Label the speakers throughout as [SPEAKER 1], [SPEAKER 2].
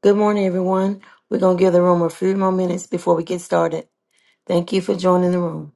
[SPEAKER 1] Good morning, everyone. We're going to give the room a few more minutes before we get started. Thank you for joining the room.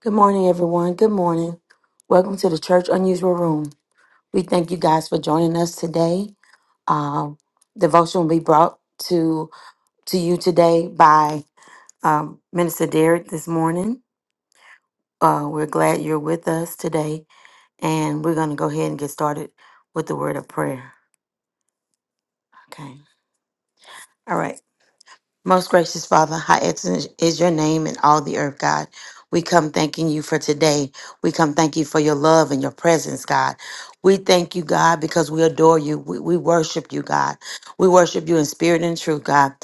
[SPEAKER 1] Good morning, everyone. Good morning. Welcome to the Church Unusual Room. We thank you guys for joining us today. Um, devotion will be brought to to you today by um, Minister Derek this morning. Uh, we're glad you're with us today, and we're going to go ahead and get started with the word of prayer. Okay. All right. Most gracious Father, how excellent is your name in all the earth, God. We come thanking you for today. We come thank you for your love and your presence, God. We thank you, God, because we adore you. We, we worship you, God. We worship you in spirit and truth, God.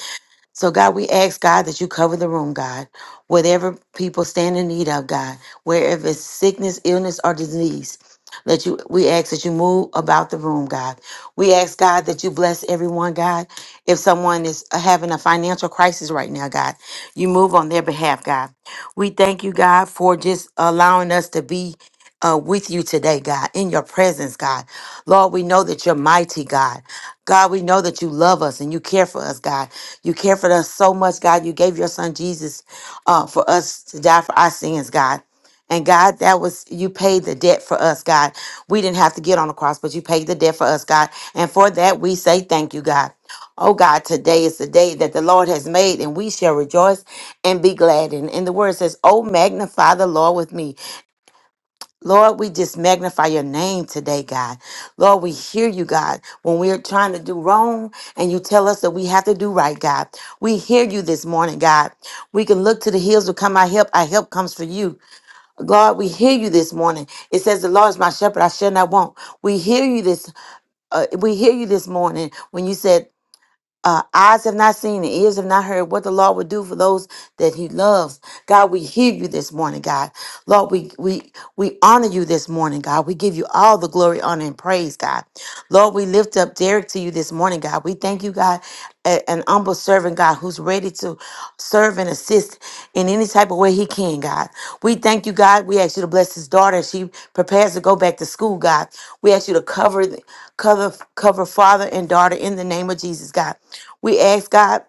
[SPEAKER 1] So, God, we ask, God, that you cover the room, God. Whatever people stand in need of, God, wherever it's sickness, illness, or disease, that you we ask that you move about the room, God. We ask, God, that you bless everyone, God. If someone is having a financial crisis right now, God, you move on their behalf, God. We thank you, God, for just allowing us to be uh, with you today, God, in your presence, God. Lord, we know that you're mighty, God. God, we know that you love us and you care for us, God. You care for us so much, God. You gave your son Jesus uh, for us to die for our sins, God. And God, that was, you paid the debt for us, God. We didn't have to get on the cross, but you paid the debt for us, God. And for that, we say thank you, God. Oh, God, today is the day that the Lord has made, and we shall rejoice and be glad. And, and the word says, Oh, magnify the Lord with me Lord, we just magnify your name today, God. Lord, we hear you, God, when we're trying to do wrong and you tell us that we have to do right, God. We hear you this morning, God. We can look to the hills to come our help. Our help comes from you. God, we hear you this morning. It says, The Lord is my shepherd, I shall not want. We hear you this uh, we hear you this morning when you said uh, eyes have not seen and ears have not heard what the Lord would do for those that He loves. God, we hear you this morning, God. Lord, we we we honor you this morning, God. We give you all the glory, honor, and praise, God. Lord, we lift up Derek to you this morning, God. We thank you, God, a- an humble servant, God, who's ready to serve and assist in any type of way he can, God. We thank you, God. We ask you to bless his daughter. as She prepares to go back to school, God. We ask you to cover the cover cover father and daughter in the name of Jesus, God. We ask God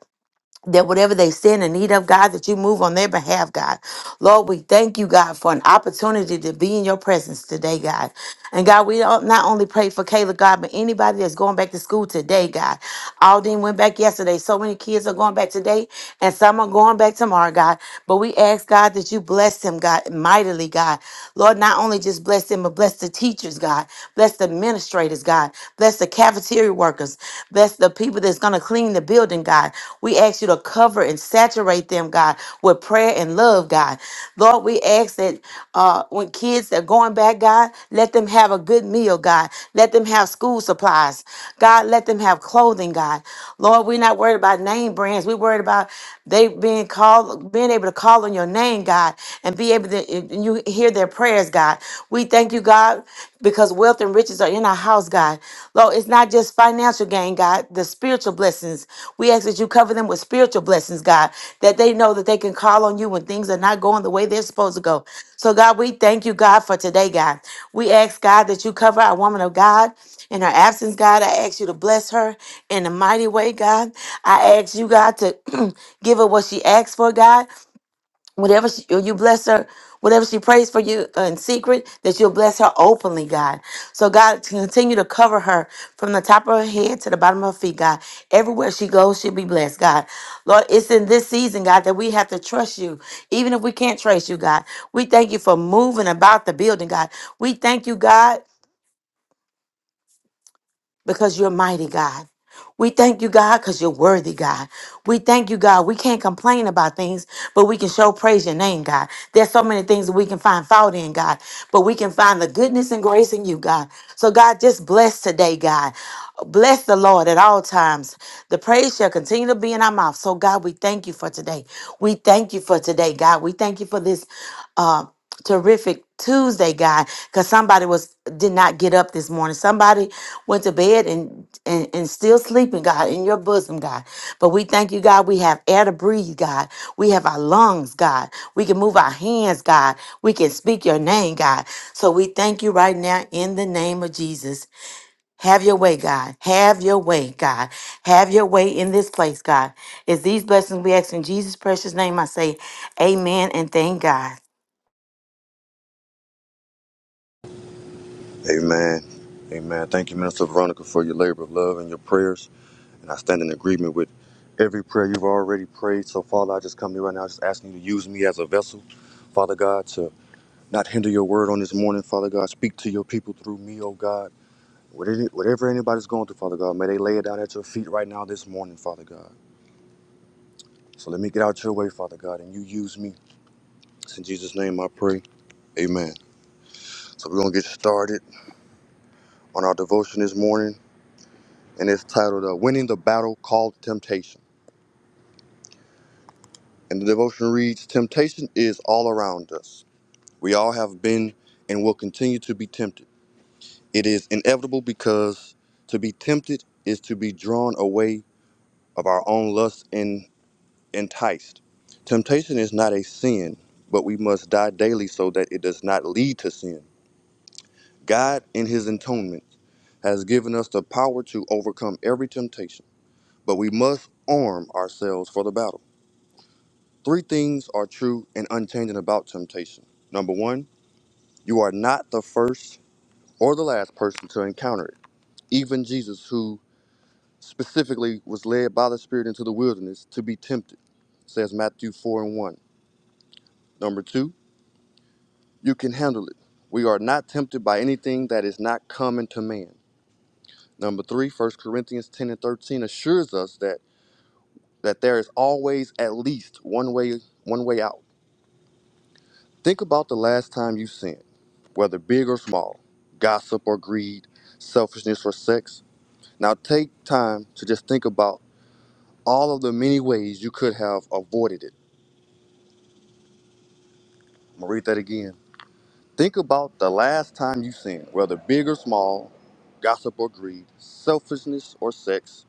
[SPEAKER 1] that whatever they stand in need of, God, that you move on their behalf, God. Lord, we thank you, God, for an opportunity to be in your presence today, God. And God, we don't- not only pray for Caleb, God, but anybody that's going back to school today, God. Alden went back yesterday. So many kids are going back today, and some are going back tomorrow, God. But we ask, God, that you bless him, God, mightily, God. Lord, not only just bless him, but bless the teachers, God. Bless the administrators, God. Bless the cafeteria workers. Bless the people that's going to clean the building, God. We ask you to cover and saturate saturate them, God, with prayer and love, God. Lord, we ask that uh, when kids are going back, God, let them have a good meal, God. Let them have school supplies. God, let them have clothing, God. Lord, we're not worried about name brands. We're worried about they being called, being able to call on your name, God, and be able to, and you hear their prayers, God. We thank you, God, because wealth and riches are in are in our house, God. Lord, it's not just financial gain, God, the spiritual blessings. We ask that you cover them with spiritual blessings, God, that they know that they can call on you when things are not going the way they're supposed to go. So, God, we thank you, God, for today, God. We ask, God, that you cover our woman of God in her absence, God. I ask you to bless her in a mighty way, God. I ask you, God, to give her what she asks for, God whatever she, you bless her, whatever she prays for you in secret, that you'll bless her openly, God. So, God, to continue to cover her from the top of her head to the bottom of her feet, God. Everywhere she goes, she'll be blessed, God. Lord, it's in this season, God, that we have to trust you, even if we can't trace you, God. We thank you for moving about the building, God. We thank you, God because you're mighty, God. We thank you, God, because you're worthy, God. We thank you, God. We can't complain about things, but we can show praise your name, God. There's so many things that we can find fault in, God, but we can find the goodness and grace in you, God. So, God, just bless today, God. Bless the Lord at all times. The praise shall continue to be in our mouth. So, God, we thank you for today. We thank you for today, God. We thank you for this. uh, terrific Tuesday, God, because somebody was did not get up this morning. Somebody went to bed and, and and still sleeping, God, in your bosom, God. But we thank you, God. We have air to breathe, God. We have our lungs, God. We can move our hands, God. We can speak your name, God. So we thank you right now in the name of Jesus. Have your way, God. Have your way, God. Have your way in this place, God. It's these blessings we ask in Jesus' precious name. I say, Amen and thank God.
[SPEAKER 2] Amen. Amen. Thank you, Minister Veronica, for your labor of love and your prayers. And I stand in agreement with every prayer you've already prayed. So, Father, I just come to you right now, just asking you to use me as a vessel, Father God, to not hinder your word on this morning, Father God. Speak to your people through me, oh God. What any- Whatever anybody's going through, Father God, may they lay it down at your feet right now this morning, Father God. So let me get out your way, Father God, and you use me. It's in Jesus' name I pray. Amen. So we're going to get started on our devotion this morning. and it's titled uh, Winning the Battle Called Temptation. And the devotion reads Temptation is all around us. We all have been and will continue to be tempted. It is inevitable because to be tempted is to be drawn away of our own lust and enticed. Temptation is not a sin, but we must die daily so that it does not lead to sin. God, in His atonement, has given us the power to overcome every temptation, but we must arm ourselves for the battle. Three things are true and unchanging about temptation. Number one, you are not the first or the last person to encounter it. Even Jesus, who specifically was led by the Spirit into the wilderness to be tempted, says Matthew 4 and 1. Number two, you can handle it. We are not tempted by anything that is not common to man. Number three, First Corinthians 10 and 13 assures us that, that there is always at least one way, one way out. Think about the last time you sinned. whether big or small, gossip or greed, selfishness or sex. Now take time to just think about all of the many ways you could have avoided it. I'm gonna read that again. Think about the last time you sinned, whether big or small, gossip or greed, selfishness or sex.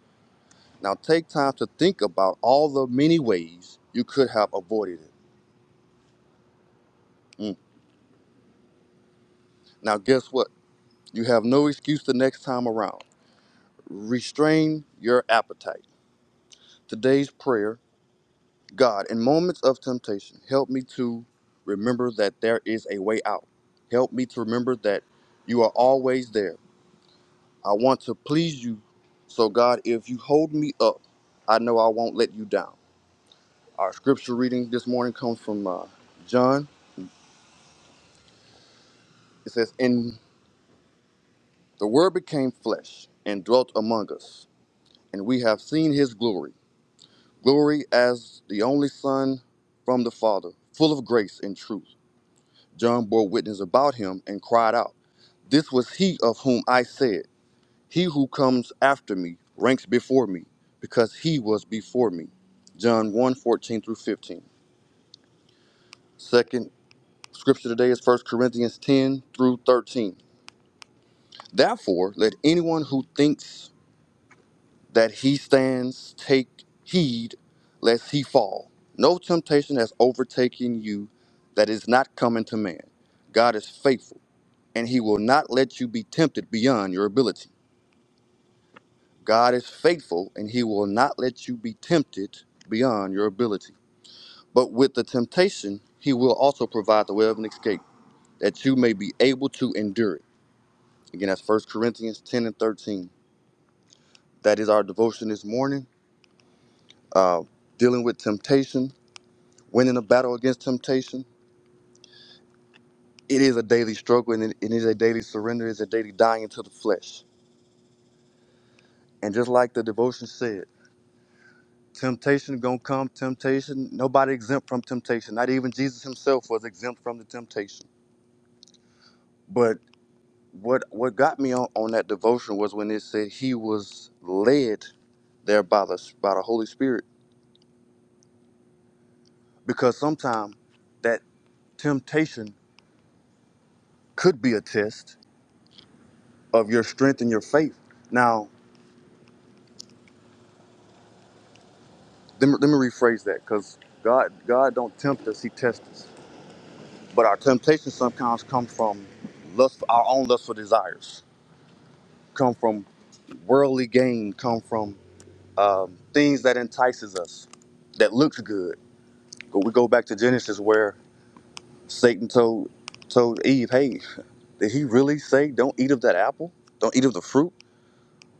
[SPEAKER 2] Now take time to think about all the many ways you could have avoided it. Mm. Now guess what? You have no excuse the next time around. Restrain your appetite. Today's prayer God, in moments of temptation, help me to remember that there is a way out. Help me to remember that you are always there. I want to please you. So, God, if you hold me up, I know I won't let you down. Our scripture reading this morning comes from uh, John. It says, And the Word became flesh and dwelt among us, and we have seen his glory glory as the only Son from the Father, full of grace and truth. John bore witness about him and cried out. This was he of whom I said, He who comes after me ranks before me, because he was before me. John one 14 through 15. Second scripture today is First Corinthians 10 through 13. Therefore, let anyone who thinks that he stands take heed lest he fall. No temptation has overtaken you that is not common to man. God is faithful, and he will not let you be tempted beyond your ability God is faithful and he will not let you be tempted beyond your ability. But with the temptation, he will also provide the way of an escape that you may be able to endure it. Again, that's First Corinthians 10 and 13. That is our devotion this morning, uh, dealing with temptation, winning a battle against temptation. It is a daily struggle and it it is a daily surrender, it's a daily dying to the flesh. And just like the devotion said. Temptation gonna come. Temptation. Nobody exempt from temptation. Not even Jesus himself was exempt from the temptation. But what what got me on, on that devotion was when it said he was led there by the by the Holy Spirit. Because sometimes that temptation could be a test of your strength and your faith. Now, let me, let me rephrase that, because God God don't tempt us; He tests us. But our temptations sometimes come from lust, our own lustful desires. Come from worldly gain come from um, things that entices us, that looks good. But we go back to Genesis where Satan told told Eve, "Hey, did he really say don't eat of that apple? Don't eat of the fruit?"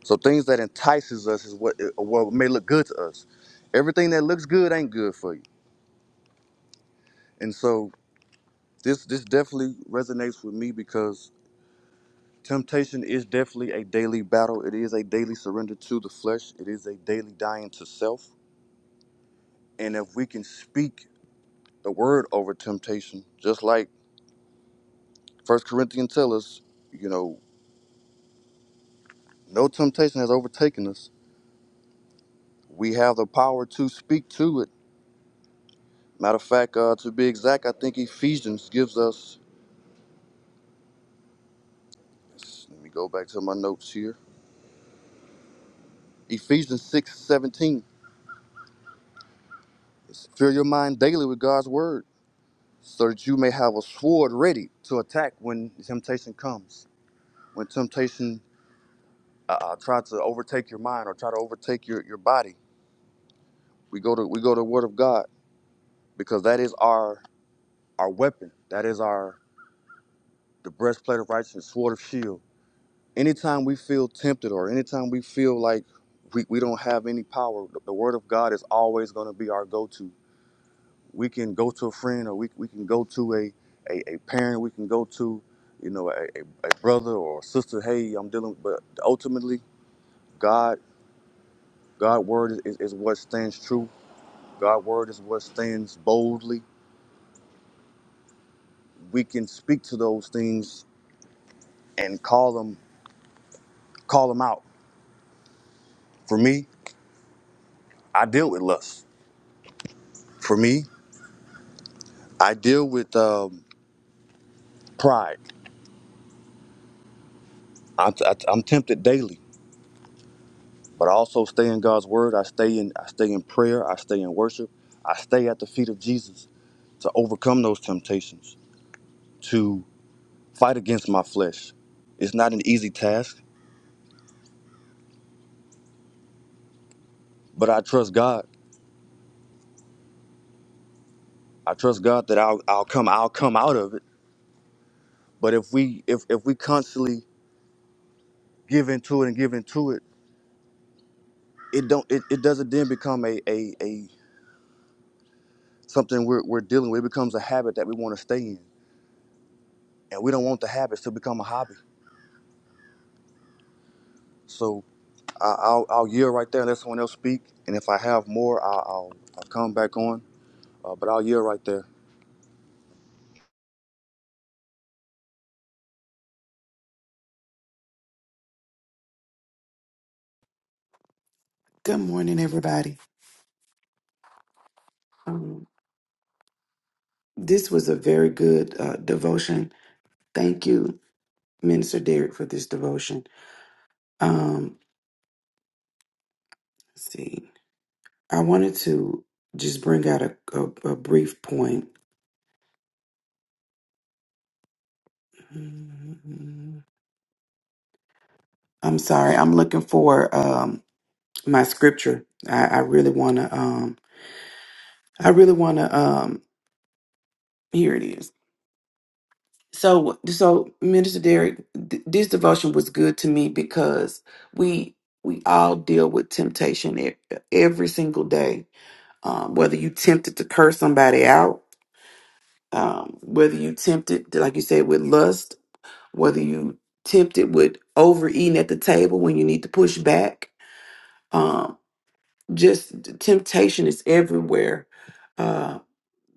[SPEAKER 2] So things that entices us is what uh, what may look good to us. Everything that looks good ain't good for you. And so this this definitely resonates with me because temptation is definitely a daily battle. It is a daily surrender to the flesh. It is a daily dying to self. And if we can speak the word over temptation, just like First Corinthians tells us, you know, no temptation has overtaken us. We have the power to speak to it. Matter of fact, uh, to be exact, I think Ephesians gives us. Let me go back to my notes here. Ephesians six seventeen. Fill your mind daily with God's word, so that you may have a sword ready to attack when temptation comes. When temptation uh, uh, try to overtake your mind or try to overtake your, your body, we go to we go to the Word of God because that is our our weapon. That is our the breastplate of righteousness, sword of shield. Anytime we feel tempted or anytime we feel like we, we don't have any power, the, the word of God is always going to be our go-to. We can go to a friend or we, we can go to a, a, a parent, we can go to, you know, a, a, a brother or sister, hey, I'm dealing with, but ultimately God, God word is, is what stands true. God word is what stands boldly. We can speak to those things and call them, call them out. For me, I deal with lust. For me, I deal with um, pride. I'm, I, I'm tempted daily, but I also stay in God's word. I stay in I stay in prayer. I stay in worship. I stay at the feet of Jesus to overcome those temptations, to fight against my flesh. It's not an easy task, but I trust God. I trust God that I'll, I'll come I'll come out of it. But if we if, if we constantly give into it and give into it, it don't it, it doesn't then become a, a a something we're, we're dealing with. It becomes a habit that we want to stay in, and we don't want the habits to become a hobby. So I, I'll, I'll yield right there and let someone else speak. And if I have more, I'll, I'll, I'll come back on. Uh, but I'll yield right there.
[SPEAKER 3] Good morning, everybody. Um, this was a very good uh, devotion. Thank you, Minister Derek, for this devotion. Um, let's see, I wanted to just bring out a, a, a brief point. I'm sorry, I'm looking for um, my scripture. I, I really want to. Um, I really want to. Um, here it is. So, so Minister Derek, th- this devotion was good to me because we we all deal with temptation e- every single day. Um, whether you tempted to curse somebody out, um, whether you tempted, like you said, with lust, whether you tempted with overeating at the table when you need to push back, um, just temptation is everywhere. Uh,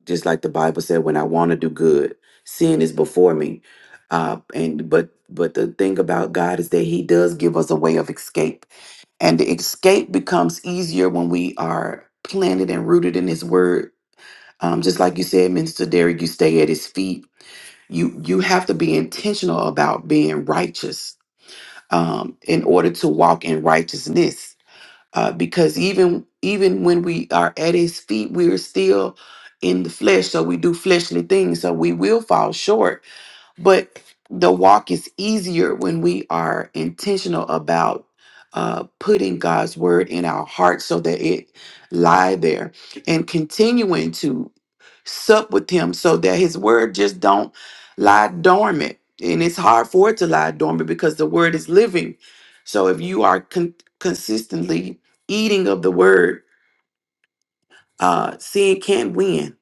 [SPEAKER 3] just like the Bible said, when I want to do good, sin is before me. Uh, and but but the thing about God is that He does give us a way of escape, and the escape becomes easier when we are planted and rooted in His Word. Um, just like you said, Minister Derek, you stay at His feet. You you have to be intentional about being righteous um, in order to walk in righteousness uh, because even even when we are at his feet we are still in the flesh so we do fleshly things so we will fall short but the walk is easier when we are intentional about uh, putting god's word in our hearts so that it lie there and continuing to sup with him so that his word just don't lie dormant and it's hard for it to lie dormant because the word is living so if you are con- consistently eating of the word uh sin can't win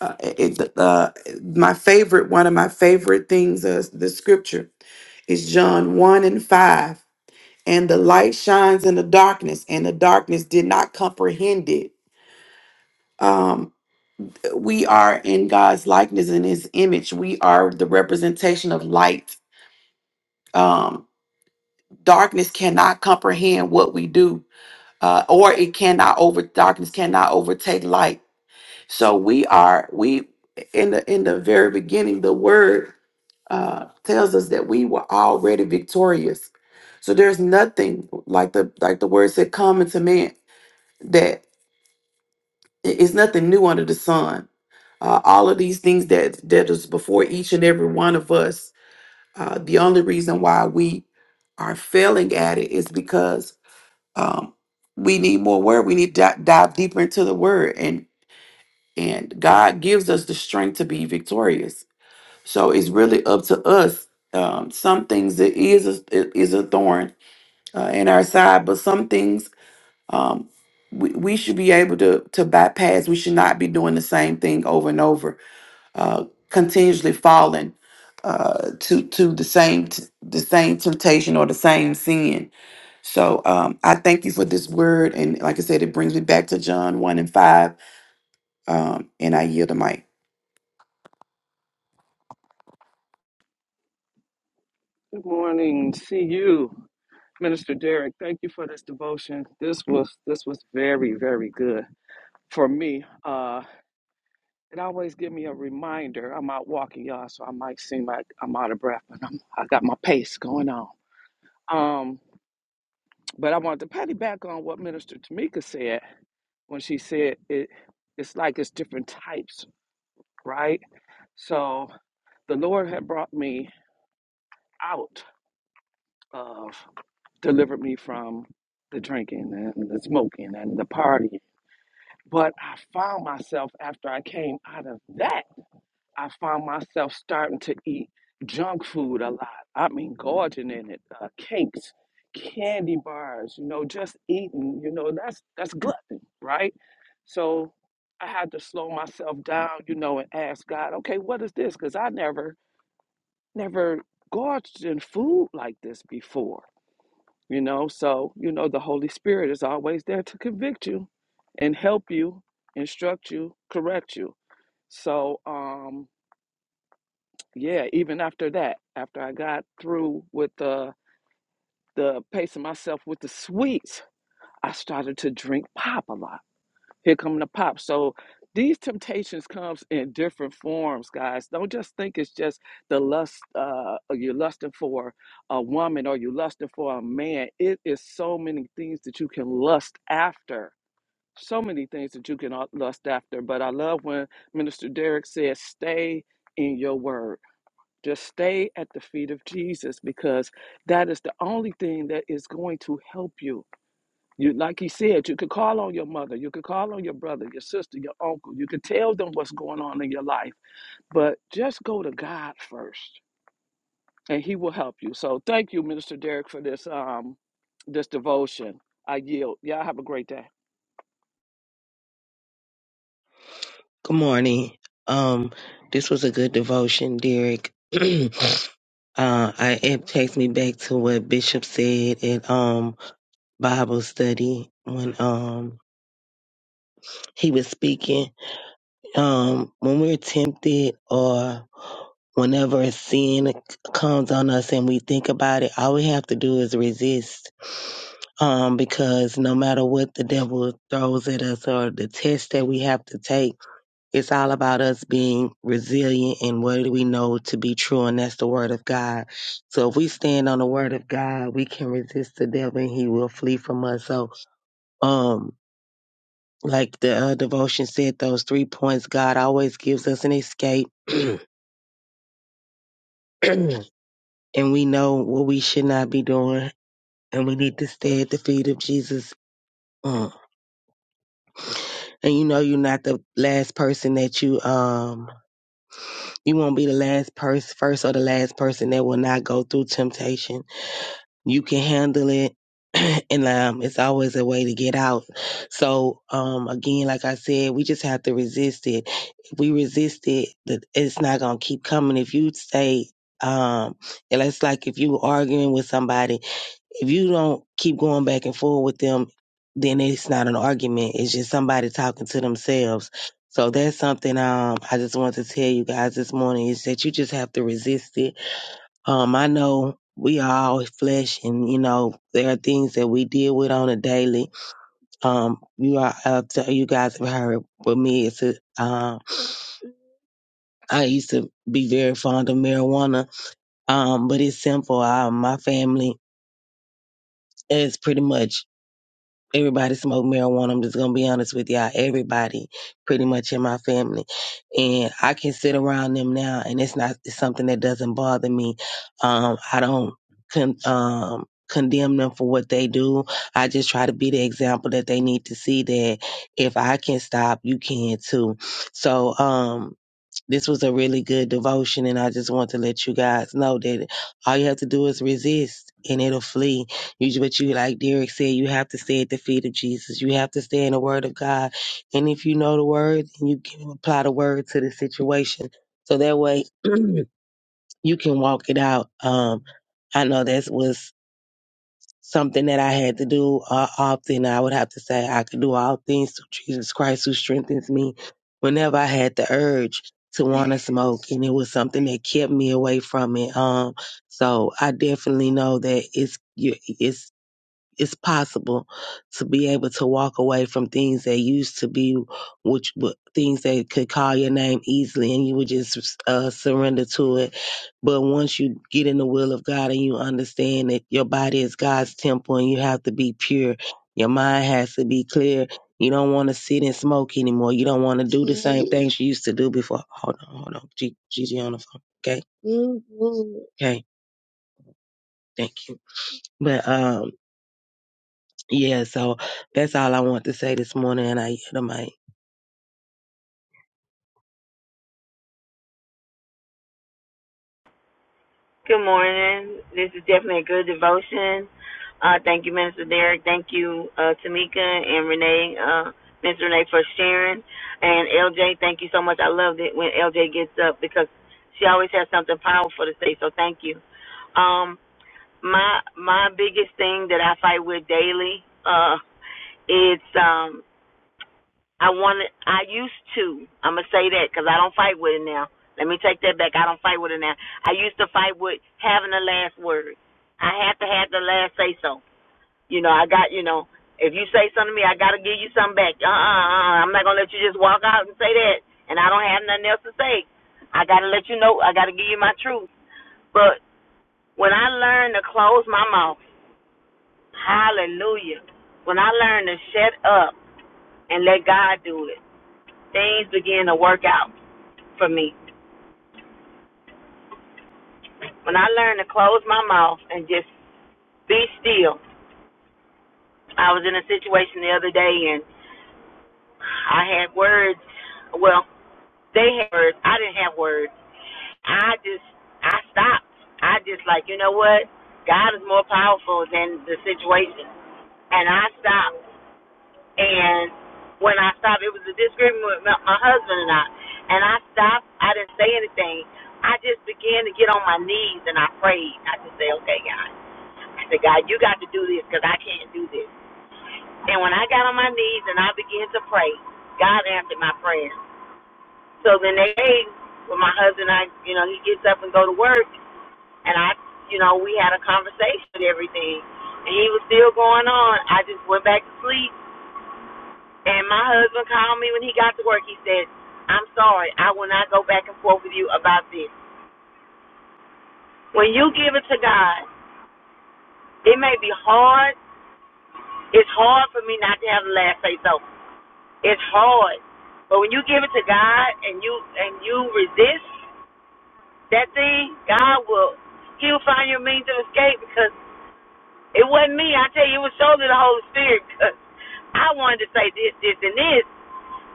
[SPEAKER 3] uh, it, uh, my favorite one of my favorite things is the scripture is john 1 and 5 and the light shines in the darkness and the darkness did not comprehend it Um, we are in God's likeness and his image. We are the representation of light. Um, darkness cannot comprehend what we do, uh, or it cannot over darkness cannot overtake light. So we are we in the in the very beginning, the word uh tells us that we were already victorious. So there's nothing like the like the word said, come into man that. It- It's nothing new under the sun. Uh, all of these things that that is before each and every one of us. Uh, the only reason why we are failing at it is because um, we need more word. We need to di- dive deeper into the word, and and God gives us the strength to be victorious. So it's really up to us. Um, some things it is a, it is a thorn uh, in our side, but some things um, we, we should be able to to bypass. We should not be doing the same thing over and over, uh, continuously falling uh, to to the same t- the same temptation or the same sin. So um, I thank you for this word, and like I said, it brings me back to John one and five, um, and I yield the mic.
[SPEAKER 4] Good morning. See you, Minister Derek. Thank you for this devotion. This was this was very very good for me. Uh, it always give me a reminder. I'm out walking, y'all, so I might seem like I'm out of breath, but I'm I got my pace going on. Um, but I wanted to patty back on what Minister Tamika said when she said it. It's like it's different types, right? So the Lord had brought me out of. delivered me from the drinking and the smoking and the partying. But I found myself after I came out of that, I found myself starting to eat junk food a lot. I mean, gorging in it, uh, cakes, candy bars, you know, just eating, you know, that's that's glutton, right? So I had to slow myself down, you know, and ask God, okay, what is this? Because I never, never gorged in food like this before you know so you know the holy spirit is always there to convict you and help you instruct you correct you so um yeah even after that after i got through with the the pacing myself with the sweets i started to drink pop a lot Here come the pop. So these temptations comes in different forms, guys. Don't just think it's just the lust. Uh, you're lusting for a woman or you're lusting for a man. It is so many things that you can lust after. So many things that you can uh, lust after. But I love when Minister Derek says, "Stay in your word." Just stay at the feet of Jesus because that is the only thing that is going to help you you like he said, you could call on your mother, you could call on your brother, your sister, your uncle. You could tell them what's going on in your life, but just go to God first, and He will help you. So thank you, Minister Derek, for this um this devotion. I yield. Y'all have a great day.
[SPEAKER 5] Good morning. Um, this was a good devotion, Derek. uh, I, it takes me back to what Bishop said at um Bible study when um he was speaking. Um, when we're tempted or whenever a sin comes on us and we think about it, all we have to do is resist. Um, because no matter what the devil throws at us or the test that we have to take. It's all about us being resilient and what do we know to be true, and that's the word of God. So if we stand on the word of God, we can resist the devil and he will flee from us. So, um, like the uh, devotion said, those three points, God always gives us an escape, and we know what we should not be doing, and we need to stay at the feet of Jesus. Mm. And you know, you're not the last person that you um you won't be the last person, first or the last person that will not go through temptation you can handle it and um it's always a way to get out so um again like i said we just have to resist it if we resist it th- it's not gonna keep coming if you say um and it's like if you were arguing with somebody if you don't keep going back and forth with them then it's not an argument it's just somebody talking to themselves so that's something um i just wanted to tell you guys this morning is that you just have to resist it um, I know we are all flesh and, you know, there are things that we deal with on a daily. Um, you are, I'll tell you guys have heard with me, it's, a, um, I used to be very fond of marijuana. Um, but it's simple. I, my family is pretty much everybody smoked marijuana. I'm just gonna be honest with y'all. Everybody, pretty much in my family, and I can sit around them now, and it's not it's something that doesn't bother me. Um, I don't con- um condemn them for what they do. I just try to be the example that they need to see that if I can stop, you can too. So um this was a really good devotion, and I just want to let you guys know that all you have to do is resist, and it'll flee. You, but you, like Derek said, you have to stay at the feet of Jesus. You have to stay in the Word of God, and if you know the Word, then you can apply the Word to the situation, so that way you can walk it out. Um, I know that was something that I had to do uh, often. I would have to say I could do all things through Jesus Christ who strengthens me. Whenever I had the urge to want to smoke, and it was something that kept me away from it. Um, so I definitely know that it's you. it's it's possible to be able to walk away from things that used to be which w- things that could call your name easily and you would just uh, surrender to it but once you get in the will of god and you understand that your body is god's temple and you have to be pure your mind has to be clear you don't want to sit and smoke anymore you don't want to do the same things you used to do before hold on hold on gigi on the phone okay okay thank you but um. Yeah, so that's all I want to say this morning, and I hear the mic.
[SPEAKER 1] Good morning. This is definitely a good devotion. Uh, thank you, Minister Derek. Thank you, uh, Tamika and Renee, uh, Ms. Renee for sharing. And LJ, thank you so much. I loved it when LJ gets up because she always has something powerful to say. So thank you. Um, my my biggest thing that I fight with daily uh, is um, I wanted. I used to. I'm gonna say that because I don't fight with it now. Let me take that back. I don't fight with it now. I used to fight with having the last word. I had to have the last say so. You know, I got. You know, if you say something to me, I gotta give you something back. Uh uh uh. I'm not gonna let you just walk out and say that, and I don't have nothing else to say. I gotta let you know. I gotta give you my truth. But when I learned to close my mouth, hallelujah. When I learned to shut up and let God do it. things began to work out for me. When I learned to close my mouth and just be still, I was in a situation the other day and I had words. Well, they had words. I didn't have words. I just, I stopped. I just like, you know what? God is more powerful than the situation. And I stopped And when I stopped, it was a disagreement with my, my husband and I. And I stopped. I didn't say anything. I just began to get on my knees and I prayed. I just said, okay, God. I said, God, you got to do this because I can't do this. And when I got on my knees and I began to pray, God answered my prayers. So the next day, when my husband and I, you know, he gets up and go to work, and I, you know, we had a conversation and everything. And he was still going on. I just went back to sleep And my husband called me when he got to work. He said, I'm sorry, I will not go back and forth with you about this. When you give it to God, it may be hard. It's hard for me not to have the last say so. It's hard. But when you give it to God and you and you resist that thing, God will he'll find your means of escape because it wasn't me. I tell you, it was solely the Holy Spirit because I wanted to say this, this, and this.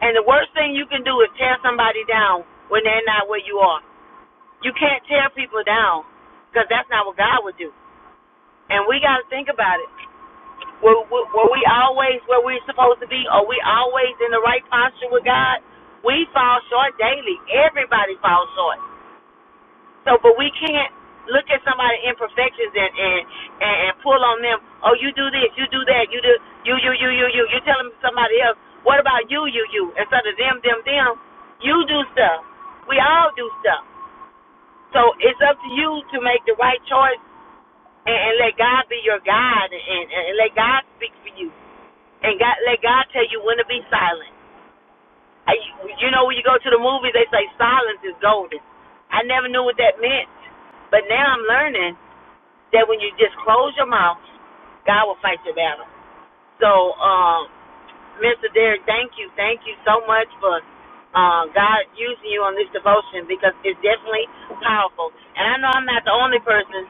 [SPEAKER 1] And the worst thing you can do is tear somebody down when they're not where you are. You can't tear people down because that's not what God would do. And we got to think about it. Were, were, were we always where we're supposed to be? Are we always in the right posture with God? We fall short daily. Everybody falls short. So, but we can't look at somebody's imperfections and and, and and pull on them. Oh, you do this, you do that, you do you you you you you. You're telling somebody else. What about you, you, you? Instead of them, them, them, you do stuff. We all do stuff. So it's up to you to make the right choice and, and let God be your guide and, and, and let God speak for you. And God let God tell you when to be silent. I, you know, when you go to the movies, they say silence is golden. I never knew what that meant. But now I'm learning that when you just close your mouth, God will fight your battle. So, um, Mr. Derek, thank you. Thank you so much for uh, God using you on this devotion because it's definitely powerful. And I know I'm not the only person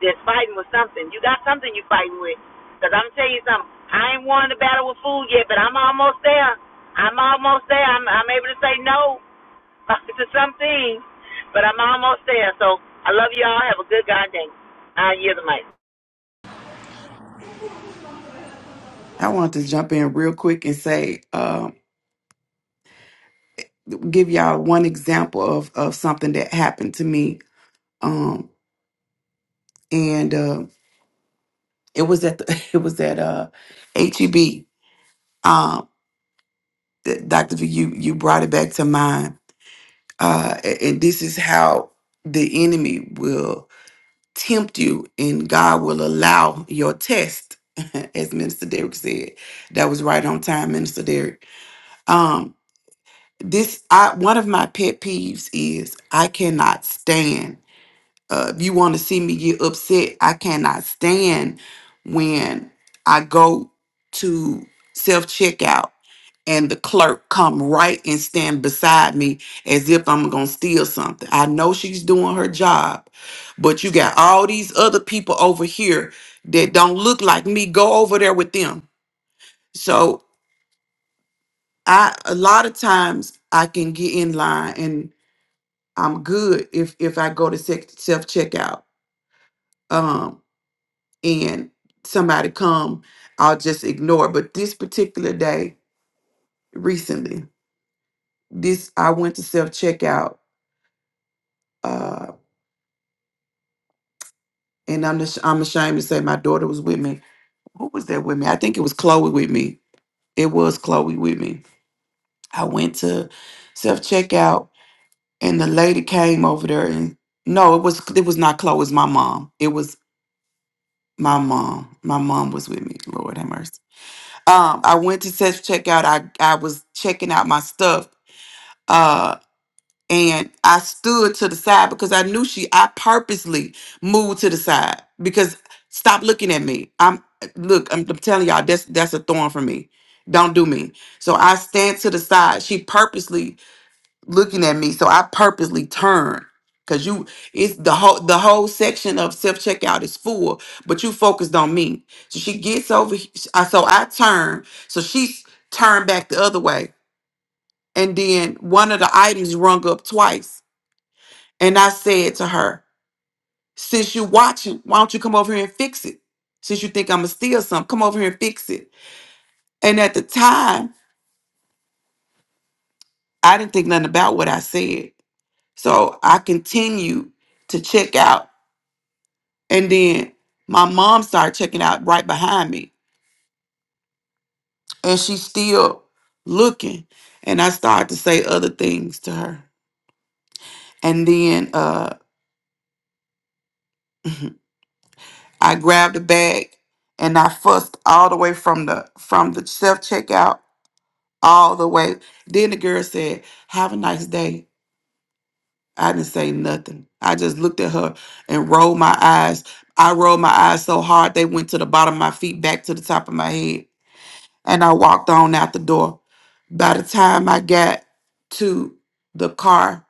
[SPEAKER 1] that's fighting with something. You got something you fighting with. Because I'm telling you something, I ain't won the battle with food yet, but I'm almost there. I'm almost there. I'm, I'm able to say no to some things, but I'm almost there. So I love you all. Have a good God day. I yield the mic.
[SPEAKER 3] I want to jump in real quick and say, um, give y'all one example of of something that happened to me, um, and uh, it was at the, it was at uh, HEB um, th- Dr. V, you, you brought it back to mind. Uh, a- and this is how the enemy will tempt you, and God will allow your test, as Minister Derrick said. That was right on time, Minister Derrick. Um, this I one of my pet peeves is I cannot stand. uh, if you want to see me get upset. I cannot stand when I go to self checkout and the clerk come right and stand beside me as if I'm gonna steal something. I know she's doing her job, but you got all these other people over here that don't look like me. Go over there with them. So I a lot of times I can get in line and I'm good if if I go to self checkout and somebody come, I'll just ignore. it. But this particular day, recently, this I went to self checkout, uh, and I'm just, I'm ashamed to say my daughter was with me. Who was there with me? I think it was Chloe with me. It was Chloe with me. I went to self checkout, and the lady came over there, and no, it was it was not Chloe. It was my mom. It was my mom. My mom was with me. Lord have mercy. Um, I went to self checkout. I I was checking out my stuff uh, and I stood to the side because I knew she. I purposely moved to the side because stop looking at me. I'm look. I'm, I'm telling y'all that's that's a thorn for me. Don't do me. So I stand to the side. She purposely looking at me. So I purposely turn. Cause you, it's the whole the whole section of self checkout is full, but you focused on me. So she gets over. he- I So I turn. So she's turned back the other way, and then one of the items rung up twice. And I said to her, Since you're watching, why don't you come over here and fix it? Since you think I'm going to steal something, come over here and fix it. And at the time, I didn't think nothing about what I said. So I continued to check out. And then my mom started checking out right behind me. And she's still looking. And I started to say other things to her. And then uh, I grabbed a bag and I fussed all the way from the from the self checkout all the way. Then the girl said, Have a nice day. I didn't say nothing. I just looked at her and rolled my eyes. I rolled my eyes so hard they went to the bottom of my feet, back to the top of my head. And I walked on out the door. By the time I got to the car,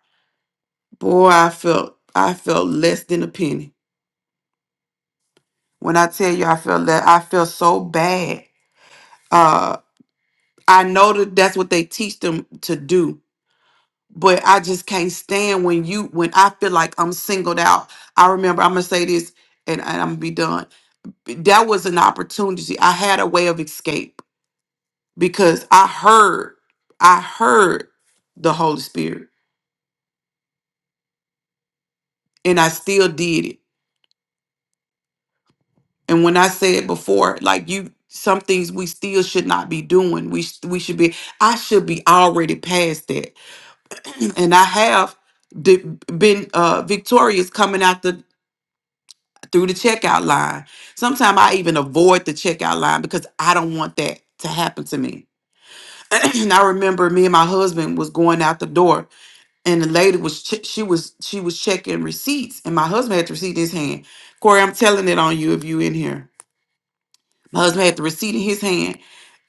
[SPEAKER 3] boy, I felt I felt less than a penny. When I tell you I felt that I felt so bad. Uh I know that that's what they teach them to do but I just can't stand when you when I feel like I'm singled out. I remember I'm gonna say this and, and I'm gonna be done. That was an opportunity. I had a way of escape because I heard I heard the Holy Spirit and I still did it. And when I said before, like you some things we still should not be doing. We sh- we should be I should be already past that. and I have di- been uh victorious coming out through the checkout line. Sometimes I even avoid the checkout line because I don't want that to happen to me. and I remember me and my husband was going out the door and the lady was che- she was she was checking receipts and my husband had the receipt in his hand. Corey, I'm telling it on you if you in here. My husband had the receipt in his hand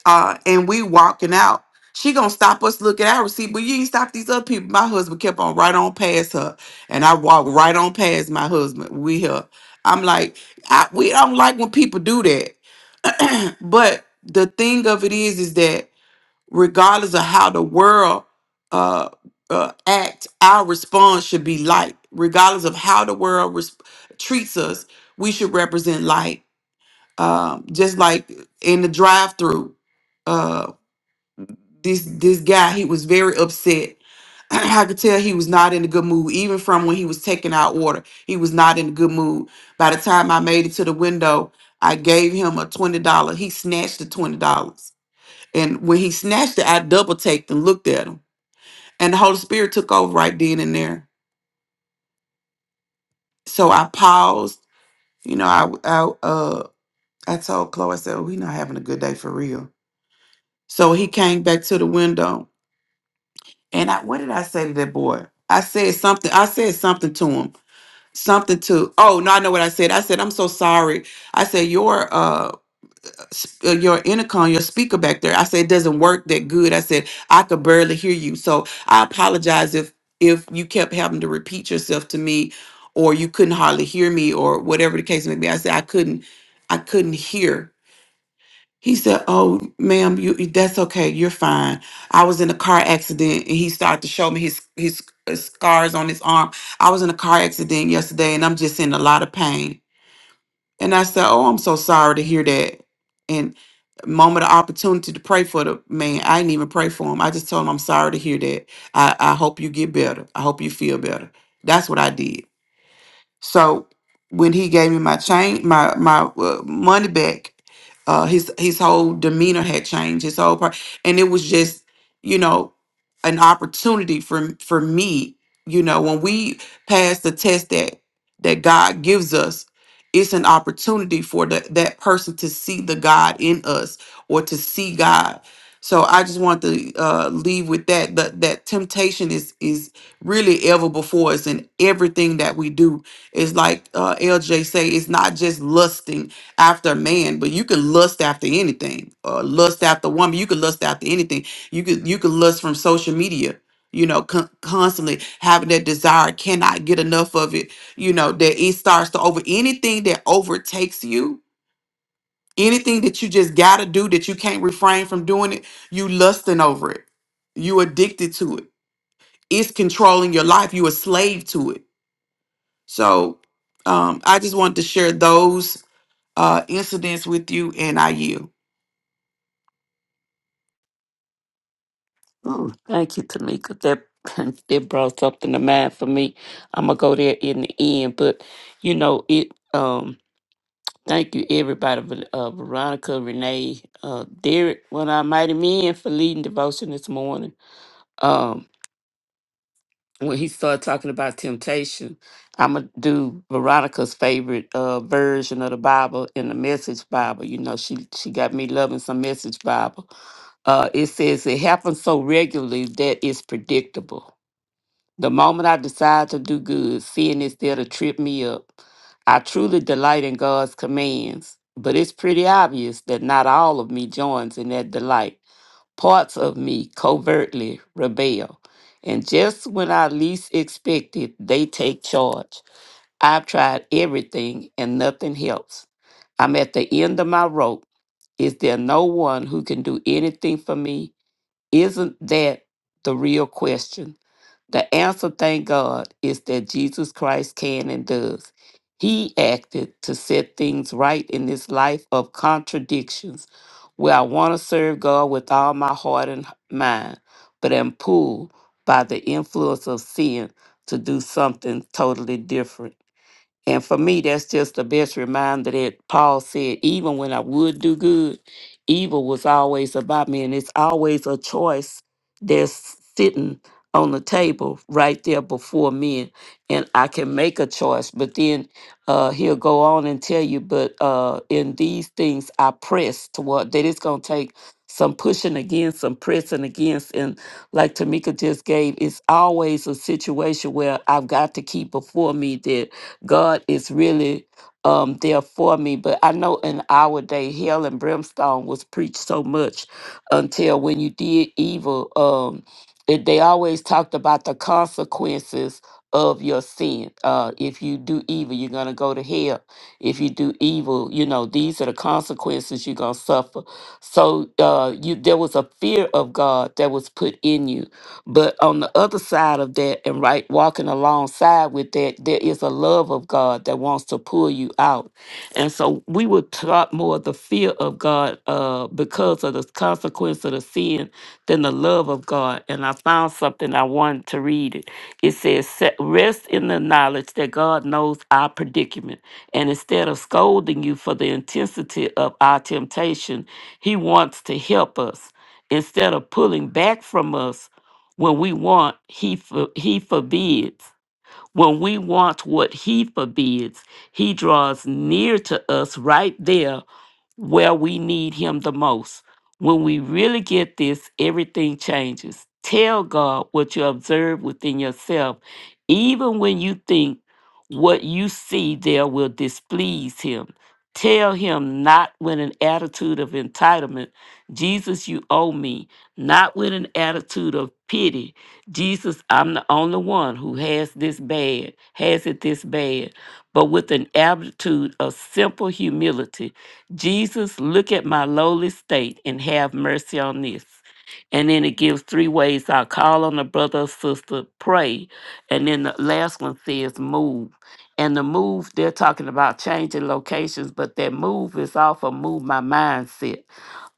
[SPEAKER 3] uh, and we walking out. She gonna stop us look at our receipt, but you ain't stop these other people. My husband kept on right on past her, and I walked right on past my husband. We her. I'm like, I, we don't like when people do that. but the thing of it is, is that regardless of how the world uh, uh, act, our response should be light. Regardless of how the world res- treats us, we should represent light. Um, just like in the drive-through uh, this this guy he was very upset i could tell he was not in a good mood even from when he was taking our order he was not in a good mood by the time i made it to the window i gave him a $20 he snatched the $20 and when he snatched it i double taked and looked at him and the holy spirit took over right then and there so i paused you know i i uh i told chloe i said oh, we not having a good day for real so he came back to the window And I, what did I say to that boy? I said something. I said something to him. Something to. Oh no, I know what I said. I said I'm so sorry. I said your uh s- uh, your intercom, your speaker back there. I said it doesn't work that good. I said I could barely hear you. So I apologize if if you kept having to repeat yourself to me, or you couldn't hardly hear me, or whatever the case may be. I said I couldn't. I couldn't hear. He said, "Oh, ma'am, you that's okay. You're fine. I was in a car accident." And he started to show me his his uh, scars on his arm. I was in a car accident yesterday, and I'm just in a lot of pain. And I said, "Oh, I'm so sorry to hear that." And moment of opportunity to pray for the man. I didn't even pray for him. I just told him, "I'm sorry to hear that. I I hope you get better. I hope you feel better." That's what I did. So when he gave me my change, my my uh, money back, uh, his his whole demeanor had changed. His whole part, and it was just you know an opportunity for for me. You know, when we pass the test that that God gives us, it's an opportunity for the, that person to see the God in us or to see God. So I just want to uh, leave with that. That that temptation is is really ever before us in everything that we do it's like uh, LJ say, it's not just lusting after a man, but you can lust after anything, or lust after a woman. You can lust after anything. You could you could lust from social media. You know, con- constantly having that desire, cannot get enough of it. You know that it starts to over anything that overtakes you, anything that you just gotta do that you can't refrain from doing it. You lusting over it. You addicted to it. It's controlling your life. You a slave to it so um, I just wanted to share those uh, incidents with you and I you.
[SPEAKER 6] Oh, thank you, Tamika. That that brought something to mind for me. I'm gonna go there in the end, but you know it. Um, thank you, everybody. Ver- Uh, Veronica, Renee, uh, Derek, one of our mighty men for leading devotion this morning. Um, when he started talking about temptation, I'm gonna do Veronica's favorite uh version of the Bible in the Message Bible. You know, she she got me loving some Message Bible. Uh, it says it happens so regularly that it's predictable The moment I decide to do good, sin is there to trip me up. I truly delight in God's commands, but it's pretty obvious that not all of me joins in that delight. Parts of me covertly rebel. And just when I least expect it, they take charge. I've tried everything and nothing helps. I'm at the end of my rope. Is there no one who can do anything for me? Isn't that the real question? The answer, thank God, is that Jesus Christ can and does. He acted to set things right in this life of contradictions where I want to serve God with all my heart and mind, but am pulled by the influence of sin to do something totally different. And for me, that's just the best reminder that Paul said, even when I would do good, evil was always about me. And it's always a choice that's sitting on the table right there before me. And I can make a choice. But then uh, he'll go on and tell you, but uh, in these things, I press toward that it's going to take some pushing against, some pressing against. And like Tamika just gave, it's always a situation where I've got to keep before me that God is really um, there for me. But I know in our day, hell and brimstone was preached so much until when you did evil, um, it, they always talked about the consequences of your sin. Uh, if you do evil, you're going to go to hell. If you do evil, you know, these are the consequences you're going to suffer so uh, you there was a fear of God that was put in you. But on the other side of that, and right walking alongside with that, there is a love of God that wants to pull you out. And so we were taught more of the fear of God uh, because of the consequence of the sin than the love of God. And I found something I wanted to read it. It says, "Set- Rest in the knowledge that God knows our predicament. And instead of scolding you for the intensity of our temptation, he wants to help us instead of pulling back from us when we want, he, for, he forbids. When we want what he forbids, he draws near to us right there where we need Him the most. When we really get this, everything changes. Tell God what you observe within yourself, even when you think what you see there will displease Him. Tell Him not with an attitude of entitlement, Jesus, you owe me, not with an attitude of pity. Jesus, I'm the only one who has this bad, has it this bad, but with an attitude of simple humility Jesus, look at my lowly state and have mercy on this. And then it gives three ways I call on a brother or sister, pray. And then the last one says move. And the move, they're talking about changing locations, but that move is off of move my mindset.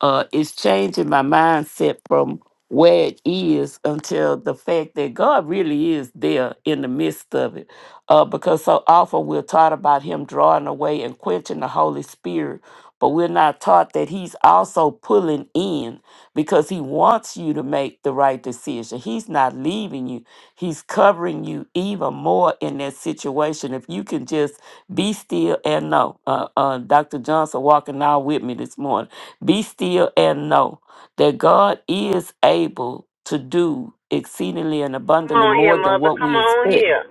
[SPEAKER 6] Uh, it's changing my mindset from where it is until the fact that God really is there in the midst of it uh, because so often we're taught about him drawing away and quenching the Holy Spirit, but we're not taught that he's also pulling in because he wants you to make the right decision. He's not leaving you, he's covering you even more in that situation. If you can just be still and know, uh, uh, Dr. Johnson walking out with me this morning, be still and know that God is able to do exceedingly and
[SPEAKER 1] Come
[SPEAKER 6] abundantly
[SPEAKER 1] on here,
[SPEAKER 6] more than
[SPEAKER 1] mother.
[SPEAKER 6] what
[SPEAKER 1] Come
[SPEAKER 6] we
[SPEAKER 1] on
[SPEAKER 6] expect
[SPEAKER 1] here.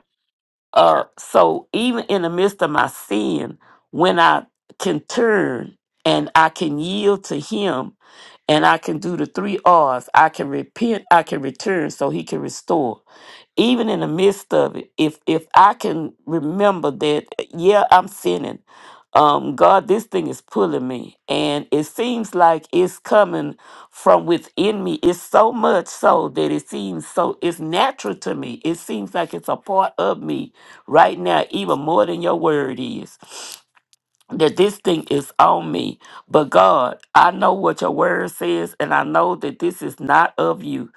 [SPEAKER 6] uh, so even in the midst of my sin, when I can turn and I can yield to Him and I can do the three R's I can repent, I can return, so He can restore. Even in the midst of it, if if I can remember that, yeah, I'm sinning. Um, God, this thing is pulling me, and it seems like it's coming from within me. It's so much so that it seems so it's natural to me. It seems like it's a part of me right now, even more than your word is that this thing is on me. But God, I know what your word says, and I know that this is not of you.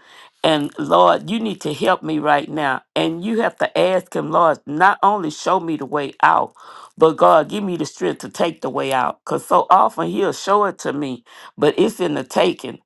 [SPEAKER 6] And Lord, you need to help me right now. And you have to ask Him, Lord, not only show me the way out, but God, give me the strength to take the way out. Because so often He'll show it to me, but it's in the taking.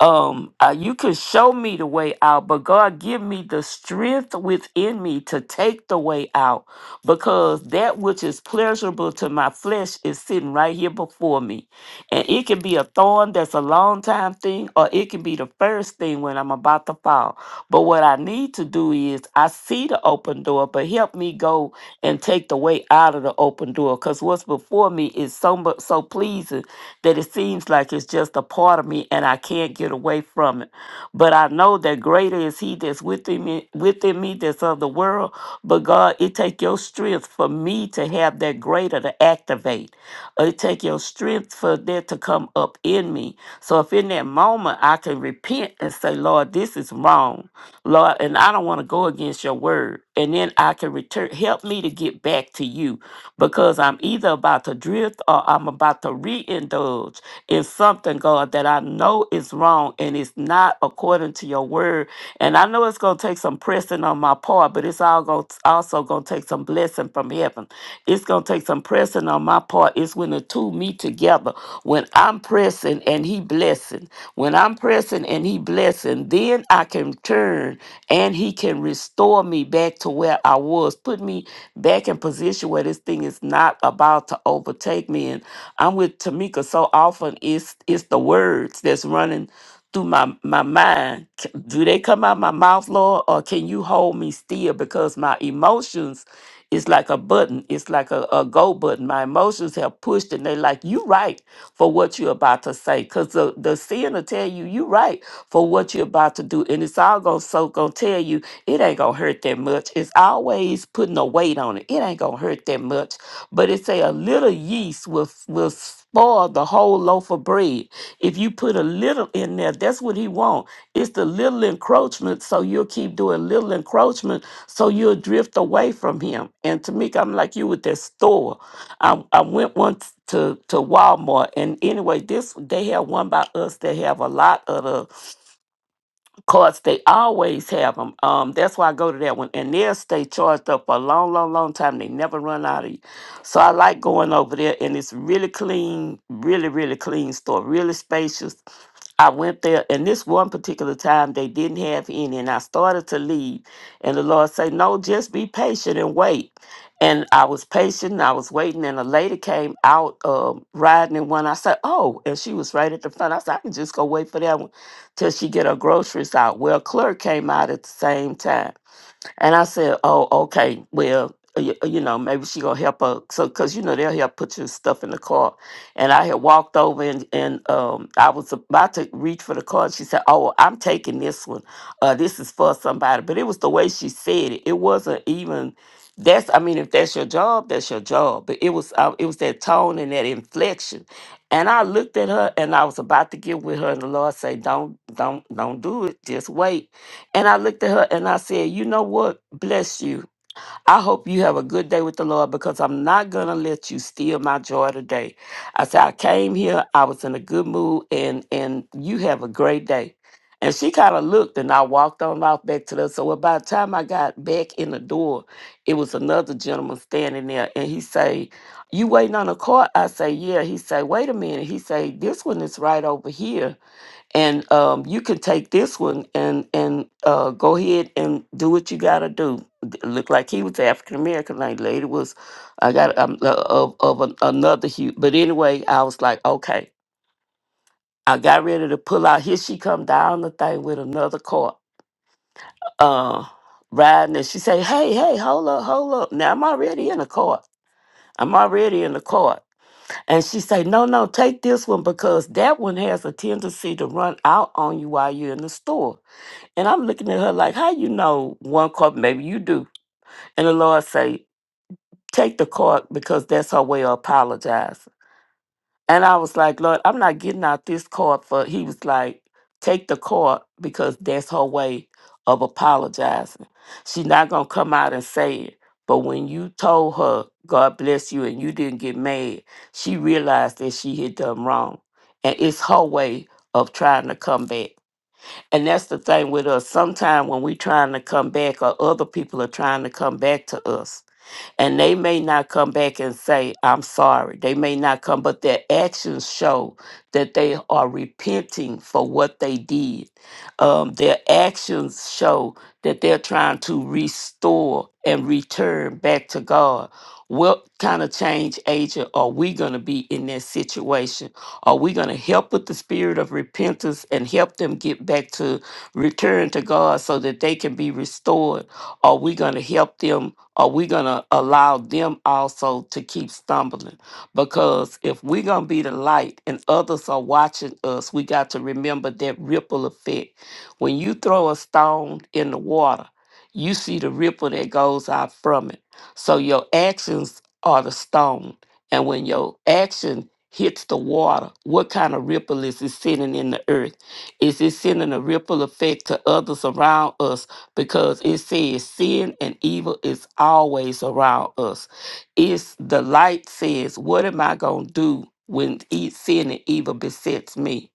[SPEAKER 6] Um, uh, you can show me the way out, but God, give me the strength within me to take the way out because that which is pleasurable to my flesh is sitting right here before me. And it can be a thorn that's a long time thing, or it can be the first thing when I'm about to fall. But what I need to do is I see the open door, but help me go and take the way out of the open door. Because what's before me is so much so pleasing that it seems like it's just a part of me and I can't get away from it. But I know that greater is he that's within me, within me that's of the world. But God, it take your strength for me to have that greater to activate. It take your strength for that to come up in me. So if in that moment I can repent and say, Lord, this is wrong, Lord, and I don't want to go against your word. And then I can return, help me to get back to you because I'm either about to drift or I'm about to reindulge in something, God, that I know is wrong and it's not according to your word. And I know it's going to take some pressing on my part, but it's all going also going to take some blessing from heaven. It's going to take some pressing on my part. It's when the two meet together together. When I'm pressing and he blessing, when I'm pressing and he blessing, then I can turn and he can restore me back to where I was, put me back in position where this thing is not about to overtake me. And I'm with Tamika so often it's it's the words that's running through my, my mind. C- Do they come out my mouth, Lord, or can you hold me still? Because my emotions it's like a button. It's like a, a go button. My emotions have pushed and they like, you right for what you're about to say. Because the, the sin will tell you, you right for what you're about to do. And it's all going to so going to tell you, it ain't going to hurt that much. It's always putting a weight on it. It ain't going to hurt that much. But it say a little yeast will, will spoil the whole loaf of bread. If you put a little in there, that's what he want. It's the little encroachment. So you'll keep doing little encroachment so you'll drift away from him. And Tamika, I'm like you with that store. I, I went once to, to Walmart, and anyway, this they have one by us that have a lot of the course they always have them um that's why i go to that one and they'll stay charged up for a long long long time they never run out of you so i like going over there and it's really clean really really clean store really spacious i went there and this one particular time they didn't have any and i started to leave and the lord said no just be patient and wait and i was patient and i was waiting and a lady came out um riding in one i said oh and she was right at the front i said i can just go wait for that one till she get her groceries out. Well, Claire came out at the same time. And I said, "Oh, okay. Well, you, you know, maybe she gonna help her. So, cause you know they'll help put your stuff in the car." And I had walked over and and um, I was about to reach for the car. And she said, "Oh, well, I'm taking this one. Uh, this is for somebody." But it was the way she said it. It wasn't even. That's. I mean, if that's your job, that's your job. But it was. Uh, it was that tone and that inflection. And I looked at her, and I was about to get with her, and the Lord say, "Don't, don't, don't do it. Just wait." And I looked at her and I said, You know what? Bless you. I hope you have a good day with the Lord because I'm not going to let you steal my joy today. I said, I came here, I was in a good mood, and, and you have a great day. And she kind of looked and I walked on off back to the. So well, by the time I got back in the door, it was another gentleman standing there and he say, You waiting on a car? I say, Yeah. He say, Wait a minute. He say, This one is right over here and um, you can take this one and and uh, go ahead and do what you gotta do. D- Look like he was African American, like lady was. I got um, uh, of of an, another hue, but anyway, I was like, okay. I got ready to pull out. Here she come down the thing with another cart, uh, riding, and she say, "Hey, hey, hold up, hold up!" Now I'm already in the cart. I'm already in the cart. and she say, "No, no, take this one because that one has a tendency to run out on you while you're in the store." And I'm looking at her like, how you know one cup? Maybe you do. And the Lord say, take the card because that's her way of apologizing. And I was like, Lord, I'm not getting out this card for. He was like, take the card because that's her way of apologizing. She's not gonna come out and say it. But when you told her, God bless you, and you didn't get mad, she realized that she had done wrong. And it's her way of trying to come back. And that's the thing with us. Sometimes when we trying to come back or other people are trying to come back to us, and they may not come back and say, I'm sorry. They may not come, but their actions show that they are repenting for what they did. Um, their actions show that they're trying to restore and return back to God. What kind of change agent are we going to be in that situation? Are we going to help with the spirit of repentance and help them get back to return to God so that they can be restored? Are we going to help them? are we going to allow them also to keep stumbling? Because if we're going to be the light and others are watching us, we got to remember that ripple effect. When you throw a stone in the water, you see the ripple that goes out from it. So your actions are the stone. And when your action hits the water, what kind of ripple is it sending in the earth? Is it sending a ripple effect to others around us because it says sin and evil is always around us. It's the light says, What am I going to do when e- sin and evil besets me?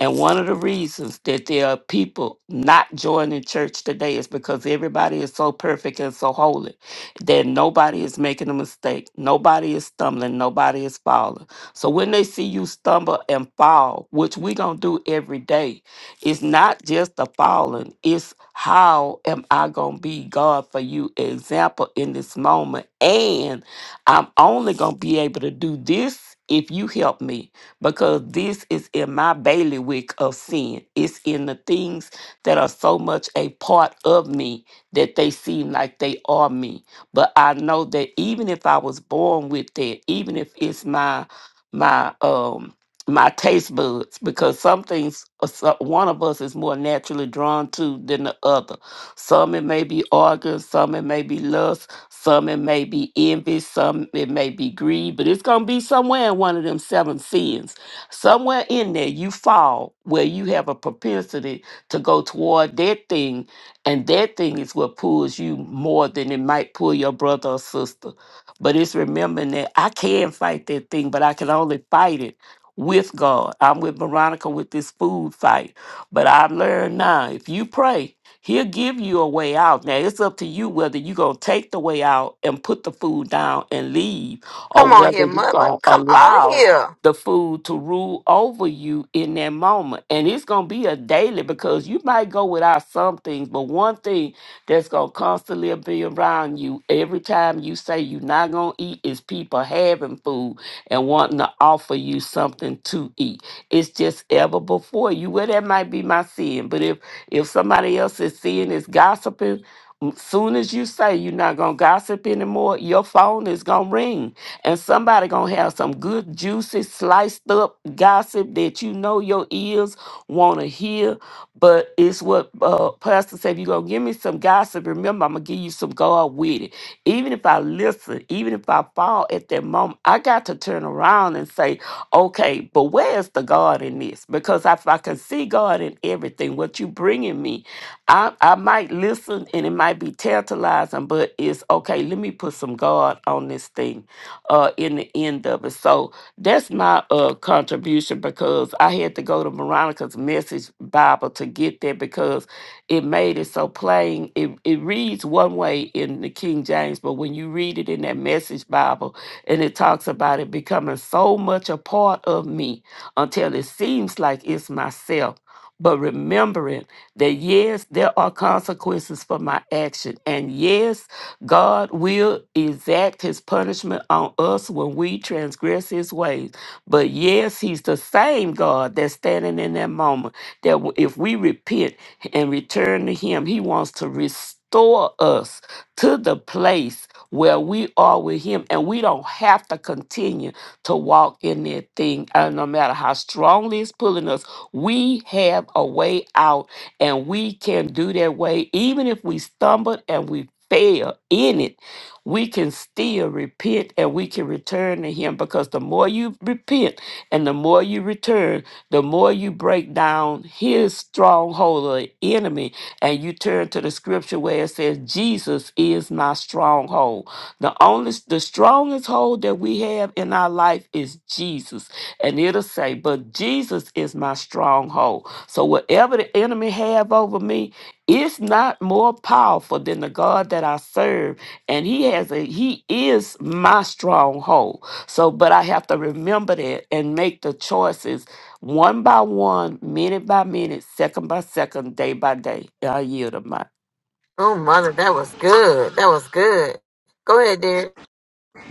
[SPEAKER 6] And one of the reasons that there are people not joining church today is because everybody is so perfect and so holy that nobody is making a mistake, nobody is stumbling, nobody is falling. So when they see you stumble and fall, which we gonna do every day, it's not just the falling, it's how am I going to be God for you example in this moment. And I'm only going to be able to do this if you help me because this is in my bailiwick of sin. It's in the things that are so much a part of me that they seem like they are me. But I know that even if I was born with that, even if it's my my um my taste buds because some things uh, so- one of us is more naturally drawn to than the other some it may be organs some it may be lust some it may be envy some it may be greed but it's gonna be somewhere in one of them seven sins somewhere in there you fall where you have a propensity to go toward that thing and that thing is what pulls you more than it might pull your brother or sister but it's remembering that i can fight that thing but i can only fight it with God. I'm with Veronica with this food fight. But I've learned now if you pray, He'll give you a way out. Now it's up to you whether you're going to take the way out and put the food down and leave, or whether you're going to
[SPEAKER 1] On
[SPEAKER 6] allow
[SPEAKER 1] here.
[SPEAKER 6] the food to rule over you in that moment. And it's going to be a daily because you might go without some things, but one thing that's going to constantly be around you every time you say you're not going to eat is people having food and wanting to offer you something to eat. It's just ever before you. Well, that might be my sin, but if if somebody else is seeing is gossiping, m- soon as you say you're not gonna gossip anymore, your phone is gonna ring, and somebody gonna have some good juicy sliced up gossip that you know your ears wanna hear but it's what uh, Pastor said. If you're going to give me some gossip, remember, I'm going to give you some God with it. Even if I listen, even if I fall at that moment, I got to turn around and say, okay, but where's the God in this? Because if I can see God in everything, what you bringing me, I, I might listen and it might be tantalizing, but it's okay, let me put some God on this thing uh, in the end of it. So, that's my uh contribution because I had to go to Veronica's message Bible to get there because it made it so plain. It it reads one way in the King James, but when you read it in that message Bible and it talks about it becoming so much a part of me until it seems like it's myself. But remembering that yes, there are consequences for my action. And yes, God will exact his punishment on us when we transgress his ways. But yes, he's the same God that's standing in that moment. That w- if we repent and return to him, he wants to restore us to the place where we are with him and we don't have to continue to walk in that thing. And no matter how strongly it's pulling us, we have a way out and we can do that way even if we stumbled and we fail in it we can still repent and we can return to him because the more you repent and the more you return the more you break down his stronghold of the enemy and you turn to the scripture where it says jesus is my stronghold the only the strongest hold that we have in our life is jesus and it'll say, "But Jesus is my stronghold." So whatever the enemy have over me, it's not more powerful than the God that I serve, and He has a He is my stronghold. So, but I have to remember that and make the choices one by one, minute by minute, second by second, day by day. I yield to my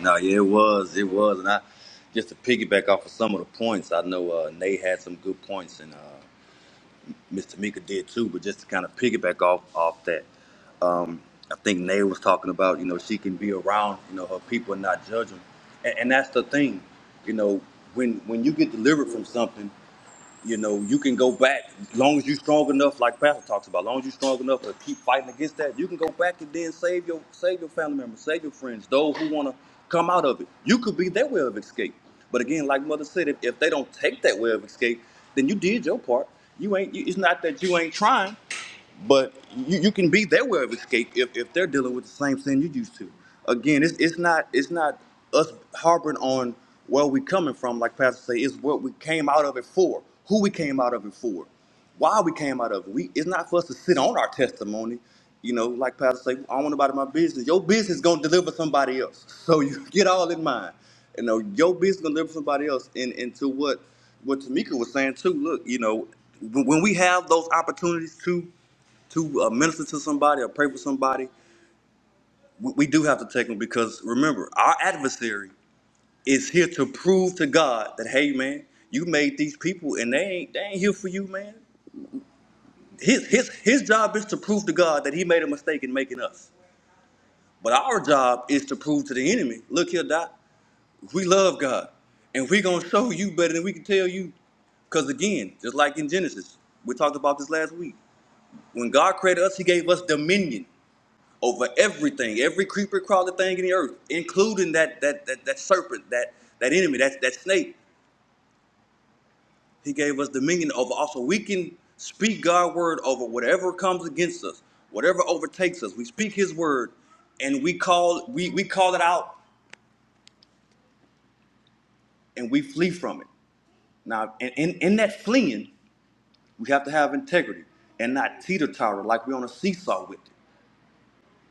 [SPEAKER 2] No, yeah, it was, it was, and I just to piggyback off of some of the points. I know uh, Nate had some good points, and uh, Miss Tamika did too. But just to kind of piggyback off off that, I think Nay was talking about, you know, she can be around, you know, her people and not judge them. And, and that's the thing, you know, when when you get delivered from something, you know, you can go back as long as you're strong enough, like Pastor talks about, as long as you're strong enough to keep fighting against that, you can go back and then save your save your family members, save your friends, those who want to come out of it. You could be their way of escape. But again, like Mother said, if, if they don't take that way of escape, then you did your part. You ain't. You, it's not that you ain't trying but you, you can be their way of escape if, if they're dealing with the same sin you used to. Again, it's, it's not it's not us harboring on where we coming from, like Pastor say, it's what we came out of it for, who we came out of it for, why we came out of it. We it's not for us to sit on our testimony. You know, like Pastor say, I don't want nobody in my business. Your business gonna deliver somebody else. So you get all in mind. You know, your business gonna deliver somebody else. And and to what what Tamika was saying too, look, you know, when when we have those opportunities to to uh, minister to somebody or pray for somebody, we, we do have to take them because remember, our adversary is here to prove to God that hey, man, you made these people and they ain't they ain't here for you, man. His his his job is to prove to God that he made a mistake in making us. But our job is to prove to the enemy, look here, Doc, we love God, and we gonna show you better than we can tell you. Because again, just like in Genesis, we talked about this last week. When God created us, He gave us dominion. over everything, every creeper crawler thing in the earth, including that that that, that serpent, that that enemy, that that snake. He gave us dominion over. Also, we can speak God's word over whatever comes against us, whatever overtakes us. We speak His word, and we call we we call it out, and we flee from it. Now, in in, in that fleeing, we have to have integrity and not teeter totter like we're on a seesaw with it.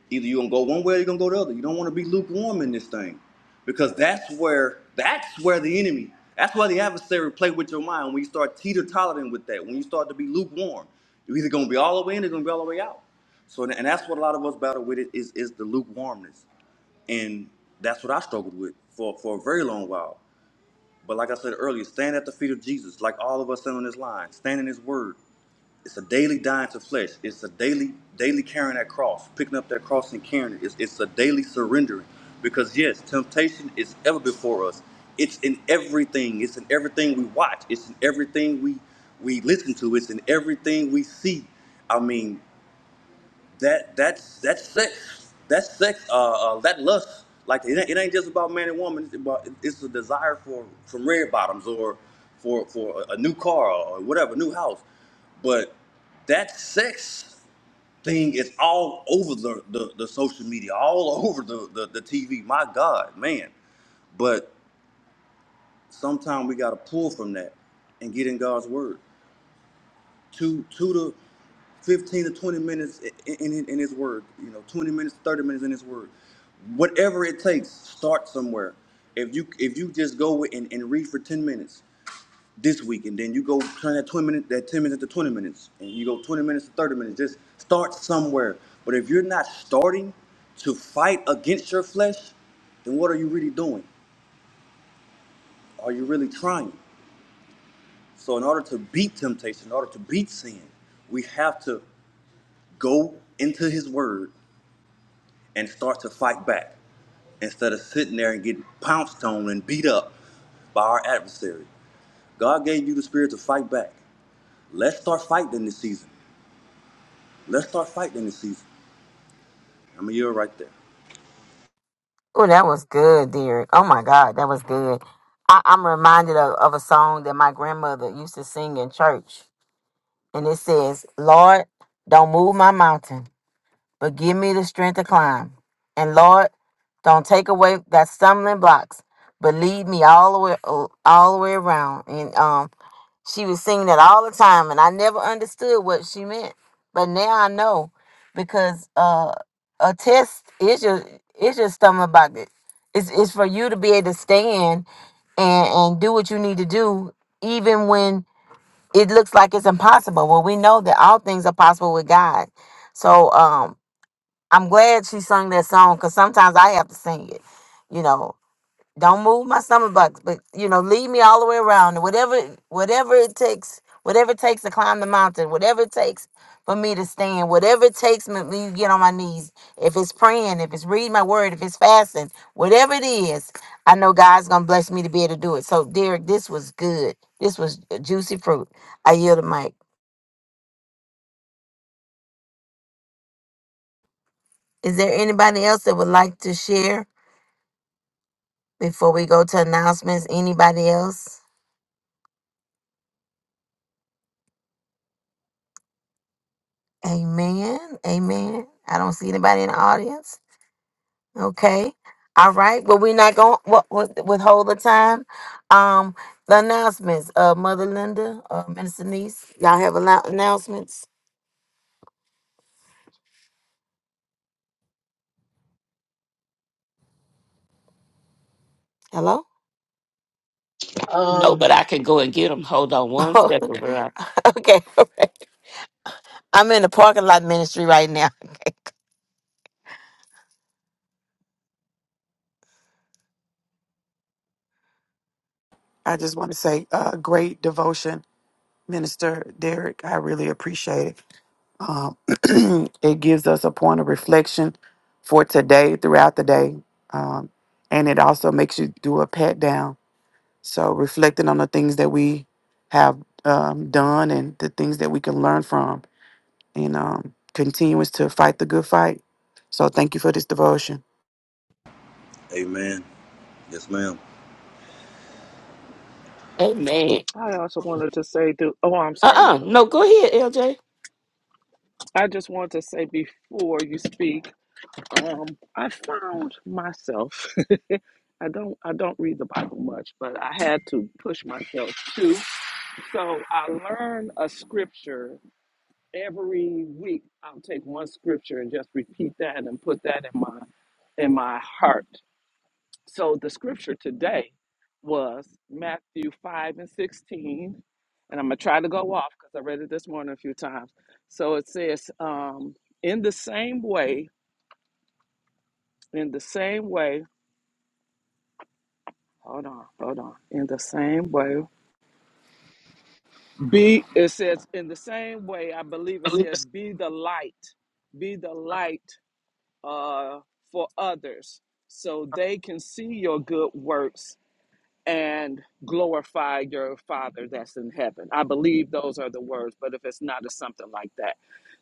[SPEAKER 2] Either you're gonna go one way or you're gonna go the other. You don't wanna be lukewarm in this thing. Because that's where that's where the enemy, that's where the adversary play with your mind when you start teeter tottering with that, when you start to be lukewarm. You're either gonna be all the way in or you're gonna be all the way out. So and that's what a lot of us battle with it is is the lukewarmness. And that's what I struggled with for, for a very long while. But like I said earlier, stand at the feet of Jesus, like all of us stand on this line, stand in his word. It's a daily dying to flesh. It's a daily daily carrying that cross, picking up that cross and carrying it. It's, it's a daily surrendering. Because yes, temptation is ever before us. It's in everything. It's in everything we watch. It's in everything we we listen to. It's in everything we see. I mean, that that's that's sex. That's sex. Uh, uh that lust. Like it ain't, it ain't just about man and woman. It's about it's a desire for from red bottoms or for for a, a new car or whatever, new house. But that sex thing is all over the the, the social media, all over the, the the TV. My God, man. But sometimes we gotta pull from that and get in God's word two two to fifteen to twenty minutes in, in in His Word. You know, twenty minutes, thirty minutes in His Word. Whatever it takes, start somewhere. If you if you just go and, and read for ten minutes this week, and then you go turn that twenty minute that ten minutes to twenty minutes, and you go twenty minutes to thirty minutes. Just start somewhere. But if you're not starting to fight against your flesh, then what are you really doing? Are you really trying? So, in order to beat temptation, in order to beat sin, we have to go into his word and start to fight back instead of sitting there and getting pounced on and beat up by our adversary. God gave you the spirit to fight back. Let's start fighting this season. Let's start fighting this season. I'm a year right there.
[SPEAKER 1] Oh, that was good, Derek. Oh my God, that was good. I, I'm reminded of, of a song that my grandmother used to sing in church. And it says, Lord, don't move my mountain, but give me the strength to climb. And Lord, don't take away that stumbling blocks, but lead me all the way all the way around. And um she was singing it all the time, and I never understood what she meant. But now I know because uh, a test is your is your stomach about it. It's it's for you to be able to stand and and do what you need to do, even when it looks like it's impossible. Well, we know that all things are possible with God. So um, I'm glad she sung that song because sometimes I have to sing it, you know. Don't move my stomach, box, but you know, lead me all the way around. Whatever, whatever it takes, whatever it takes to climb the mountain, whatever it takes for me to stand, whatever it takes me me to get on my knees. If it's praying, if it's reading my word, if it's fasting, whatever it is, I know God's gonna bless me to be able to do it. So, Derek, this was good. This was juicy fruit. I yield the mic. Is there anybody else that would like to share before we go to announcements? Anybody else? Amen. Amen. I don't see anybody in the audience. Okay. All right. Well, we're not going to withhold the time. Um, the announcements. Uh, Mother Linda, uh, Minister Niece, y'all have a lot announcements. Hello.
[SPEAKER 6] no,
[SPEAKER 5] Um,
[SPEAKER 6] but I can go and get them. Hold on one second,
[SPEAKER 1] okay.
[SPEAKER 6] bro.
[SPEAKER 1] All right. I'm in the parking lot ministry right now.
[SPEAKER 3] I just want to say, uh, great devotion, Minister Derek. I really appreciate it. Um, it gives us a point of reflection for today, throughout the day, um, and it also makes you do a pat down. So reflecting on the things that we have um, done and the things that we can learn from, and um, continues to fight the good fight. So thank you for this devotion.
[SPEAKER 2] Amen. Yes, ma'am.
[SPEAKER 6] Amen.
[SPEAKER 4] I also wanted to say, do oh, I'm
[SPEAKER 6] Uh
[SPEAKER 4] sorry,
[SPEAKER 6] uh
[SPEAKER 4] Mother
[SPEAKER 6] No,
[SPEAKER 4] Linda.
[SPEAKER 6] go ahead, LJ.
[SPEAKER 4] I just wanted to say before you speak, um, I found myself. I don't I don't read the Bible much, but I had to push myself to. So I learn a scripture every week. I'll take one scripture and just repeat that and put that in my in my heart. So the scripture today was Matthew 5 and 16. And I'm going to try to go off because I read it this morning a few times. So it says, um, in the same way, in the same way, hold on, hold on, in the same way, be, it says, in the same way, I believe it says, be the light, be the light uh, for others so they can see your good works and glorify your Father that's in heaven. I believe those are the words, but if it's not, it's something like that.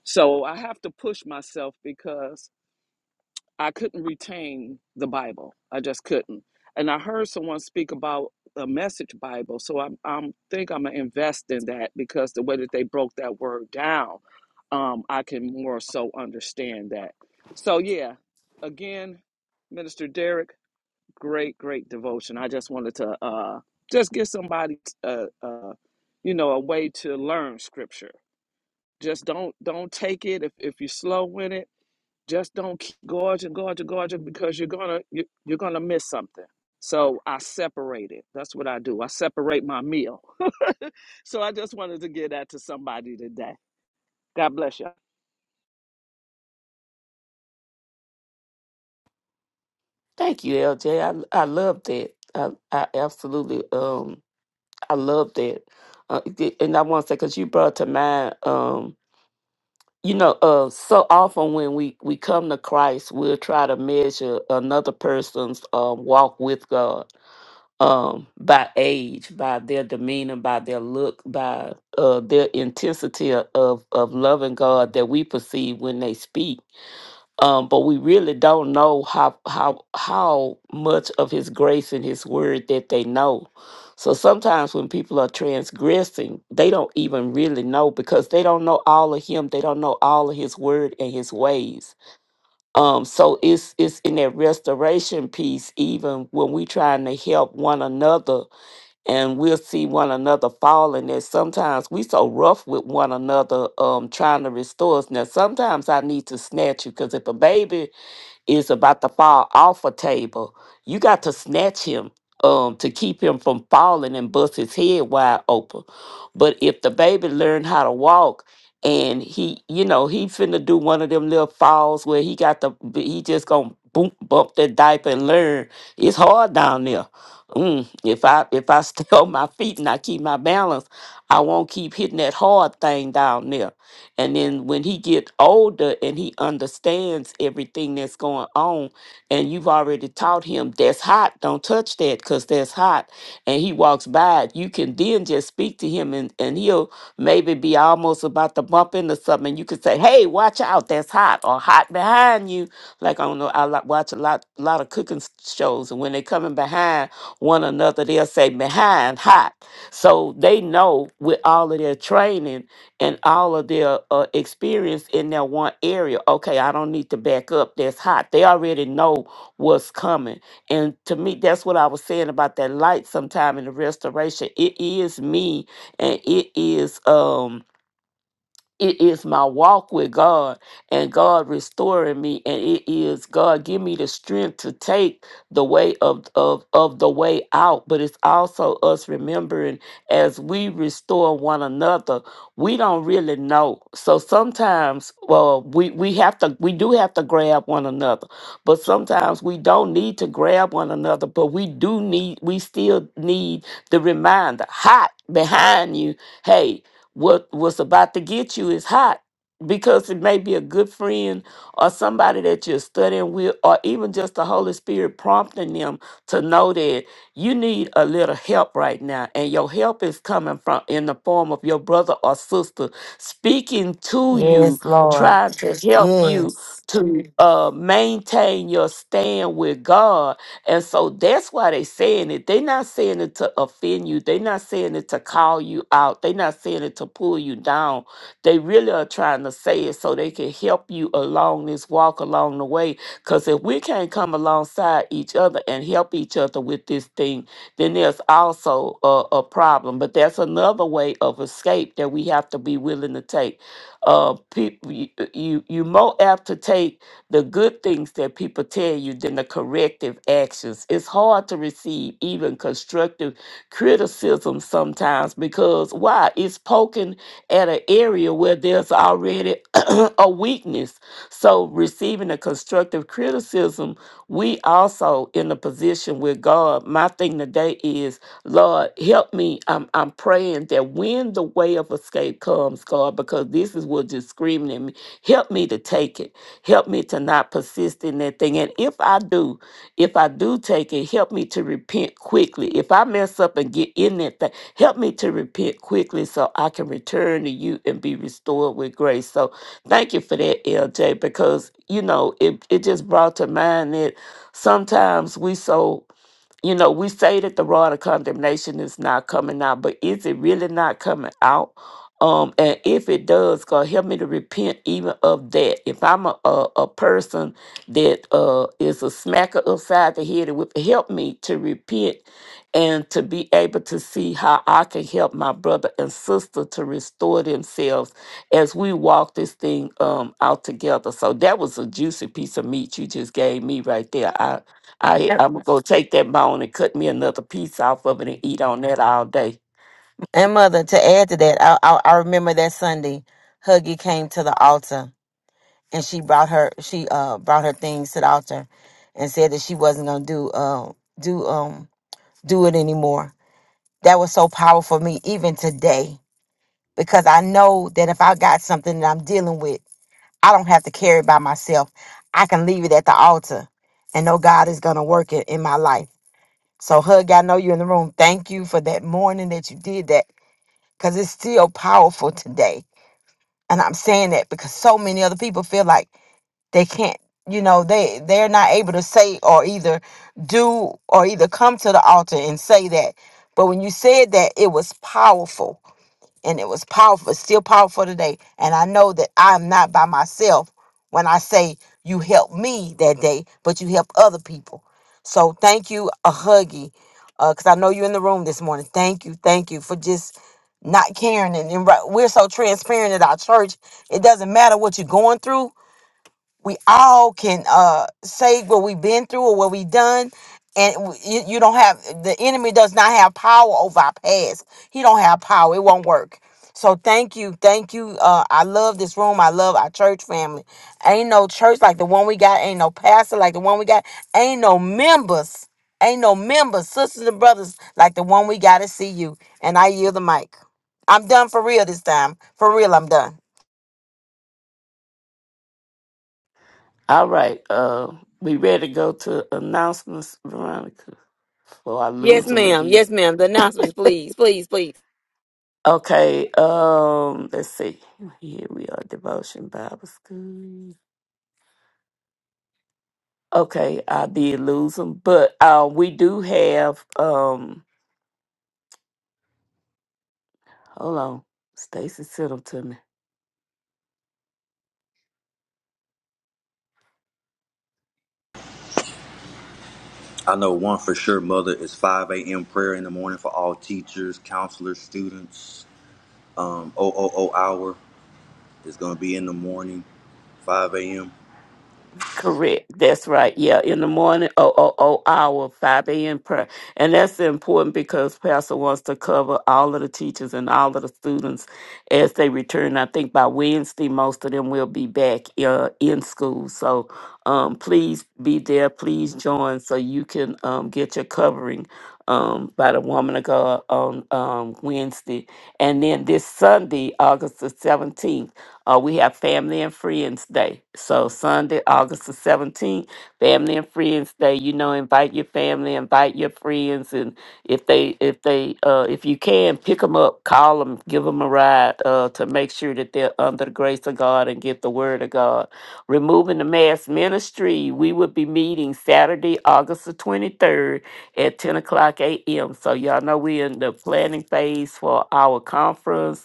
[SPEAKER 4] So I have to push myself because I couldn't retain the Bible. I just couldn't. And I heard someone speak about a message Bible, so I'm I'm think I'm gonna invest in that because the way that they broke that word down, um, I can more so understand that. So yeah, again, Minister Derek, great great devotion. I just wanted to uh, just give somebody uh uh you know a way to learn Scripture. Just don't don't take it if if you're slow in it just don't keep gorging, gorging, gorging because you're gonna you- you're gonna miss something. So I separate it. That's what I do. I separate my meal. so I just wanted to give that to somebody today. God bless you.
[SPEAKER 6] Thank you, LJ. I I love that. I I absolutely um I love that. Uh, th- and I want to say because you brought to mind um you know uh so often when we we come to Christ we'll try to measure another person's uh, walk with God um by age by their demeanor by their look by uh their intensity of of loving God that we perceive when they speak um, but we really don't know how how how much of His grace and His word that they know. So sometimes when people are transgressing, they don't even really know because they don't know all of Him. They don't know all of His word and His ways. Um, so it's it's in that restoration piece, even when we trying to help one another and we'll see one another falling that sometimes we so rough with one another um trying to restore us. Now sometimes I need to snatch you because if a baby is about to fall off a table, you got to snatch him um, to keep him from falling and bust his head wide open. But if the baby learned how to walk and he, you know, he finna do one of them little falls where he got the, he just gonna boom, bump that diaper and learn. It's hard down there. Mm, if I if I stay on my feet and I keep my balance, I won't keep hitting that hard thing down there and then when he get older and he understands everything that's going on, and you've already taught him that's hot, don't touch that because that's hot. And he walks by, it, you can then just speak to him and, and he'll maybe be almost about to bump into something. You could say, Hey, watch out, that's hot, or hot behind you. Like I don't know, I lo- watch a lot lot of cooking s- shows, and when they're coming behind one another, they'll say behind hot. So they know with all of their training and all of their uh, experience in that one area. Okay, I don't need to back up. That's hot. They already know what's coming. And to me, that's what I was saying about that light sometime in the restoration. It is me and it is. um it is my walk with God and God restoring me and it is God give me the strength to take the way of of of the way out but it's also us remembering as we restore one another we don't really know so sometimes well we we have to we do have to grab one another but sometimes we don't need to grab one another but we do need we still need the reminder hot behind you hey." what what's about to get you is hot because it may be a good friend or somebody that you're studying with or even just the holy spirit prompting them to know that you need a little help right now and your help is coming from in the form of your brother or sister speaking to you
[SPEAKER 1] yes, Lord.
[SPEAKER 6] trying to help you
[SPEAKER 1] Yes.
[SPEAKER 6] to uh, maintain your stand with god and so that's why they saying it. They're not saying it to offend you. They're not saying it to call you out. They're not saying it to pull you down. They really are trying to say it so they can help you along this walk along the way. Because if we can't come alongside each other and help each other with this thing, then there's also a, a problem. But that's another way of escape that we have to be willing to take. Uh, people, you, you, you more apt to take the good things that people tell you than the corrective actions. It's hard to receive even constructive criticism sometimes because why? It's poking at an area where there's already a weakness. So receiving a constructive criticism, we also in a position with God. My thing today is, Lord, help me. I'm I'm praying that when the way of escape comes, God, because this is what just screaming at me, help me to take it. Help me to not persist in that thing. And if I do, if I do take it, help me to repent quickly. If I mess up and get in that thing, help me to repent quickly so I can return to you and be restored with grace. So thank you for that, LJ, because you know, it, it just brought to mind that sometimes we so you know, we say that the rod of condemnation is not coming out, but is it really not coming out? Um, and if it does, God help me to repent even of that. If I'm a, a, a person that uh, is a smacker upside the head, it would help me to repent and to be able to see how I can help my brother and sister to restore themselves as we walk this thing um, out together. So that was a juicy piece of meat you just gave me right there. I
[SPEAKER 1] And,
[SPEAKER 6] I'm gonna take that bone and cut me another piece off of it and eat on that all day.
[SPEAKER 1] and mother, to add to that, I, I I remember that Sunday, Huggy came to the altar and she brought her she uh brought her things to the altar, and said that she wasn't gonna do um do um do it anymore. That was so powerful for me even today because I know that if I got something that I'm dealing with, I don't have to carry it by myself. I can leave it at the altar and know God is going to work it in my life. So, Hug, I know you're in the room. Thank you for that morning that you did that because it's still powerful today. And I'm saying that because so many other people feel like, they can't you know they they're not able to say or either do or either come to the altar and say that but when you said that it was powerful and it was powerful it's still powerful today and i know that i'm not by myself when i say you helped me that day but you helped other people so thank you a huggy because i know you're in the room this morning thank you thank you for just not caring and, and right- we're so transparent at our church it doesn't matter what you're going through we all can uh say what we've been through or what we've done and w- you, you don't have the enemy does not have power over our past he don't have power it won't work so thank you thank you uh i love this room i love our church family ain't no church like the one we got ain't no pastor like the one we got ain't no members ain't no members sisters and brothers like the one we got to see you and i yield the mic i'm done for real this time for real i'm done
[SPEAKER 6] All right, uh, we ready to go to announcements, Veronica, before I lose
[SPEAKER 1] Yes,
[SPEAKER 6] them
[SPEAKER 1] ma'am.
[SPEAKER 6] again.
[SPEAKER 1] Yes, ma'am. The announcements, please, please, please.
[SPEAKER 6] Okay, um, let's see. Here we are, devotion Bible school. Okay, I did lose them, but uh, we do have um. Hold on, Stacy sent them to me.
[SPEAKER 2] I know one for sure, mother, is 5 a.m. prayer in the morning for all teachers, counselors, students. Um, o O O hour is going to be in the morning, 5 a.m.
[SPEAKER 6] Correct. That's right. Yeah, in the morning, oh, oh, oh, hour, 5 a.m. prayer. And that's important because Pastor wants to cover all of the teachers and all of the students as they return. I think by Wednesday, most of them will be back uh, in school. So um, please be there. Please join so you can um, get your covering um, by the woman of God on um, Wednesday. And then this Sunday, August the 17th. Uh, we have Family and Friends Day. So Sunday, August the 17th, Family and Friends Day. You know, invite your family, invite your friends, and if they, if they, uh, if you can, pick them up, call them, give them a ride uh, to make sure that they're under the grace of God and get the word of God. Removing the Mass Ministry, we will be meeting Saturday, August the 23rd at 10 o'clock a.m. So y'all know we're in the planning phase for our conference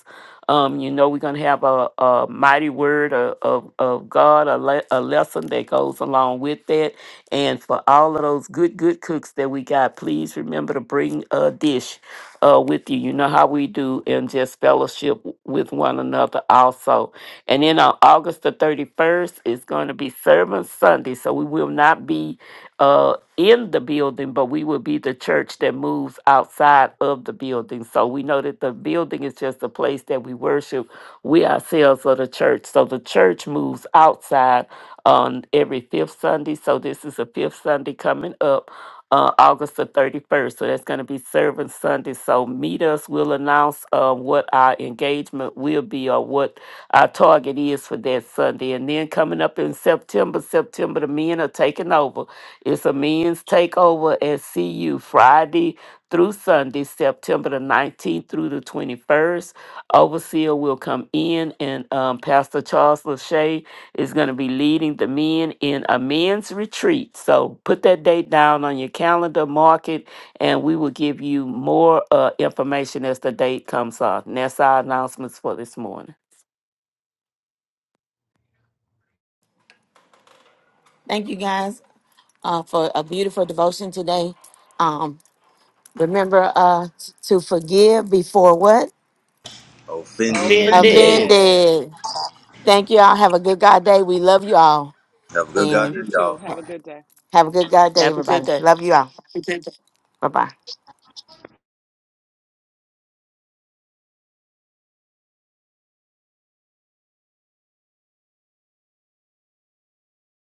[SPEAKER 6] um, you know, we're going to have a, a mighty word of, of, of God, a, le- a lesson that goes along with that. And for all of those good, good cooks that we got, please remember to bring a dish uh, with you. You know how we do, and just fellowship w- with one another also. And then on August the 31st, it's going to be Servant Sunday. So we will not be uh, in the building, but we will be the church that moves outside of the building. So we know that the building is just a place that we worship. We ourselves are the church. So the church moves outside on every fifth Sunday. So this is a fifth Sunday coming up. Uh, August the 31st. So that's going to be Servant Sunday. So meet us. We'll announce uh, what our engagement will be or what our target is for that Sunday. And then coming up in September, September, the men are taking over. It's a men's takeover at CU Friday through Sunday, September the 19th through the 21st. Overseer will come in, and um, Pastor Charles Lachey is going to be leading the men in a men's retreat. So put that date down on your calendar, mark it, and we will give you more uh, information as the date comes up. And that's our announcements for this morning.
[SPEAKER 1] Thank you guys uh, for a beautiful devotion today. Um, remember uh, to forgive before what?
[SPEAKER 2] Offending.
[SPEAKER 6] Offended.
[SPEAKER 4] Offended.
[SPEAKER 1] Offended. Thank you all. Have a good God day. We love you all.
[SPEAKER 2] Have a good God,
[SPEAKER 4] Love
[SPEAKER 1] And
[SPEAKER 2] day,
[SPEAKER 4] you
[SPEAKER 2] y'all.
[SPEAKER 4] too. Have a good day.
[SPEAKER 1] have a good God day,
[SPEAKER 6] Have a good
[SPEAKER 1] everybody.
[SPEAKER 6] day.
[SPEAKER 1] Love you all. Bye bye.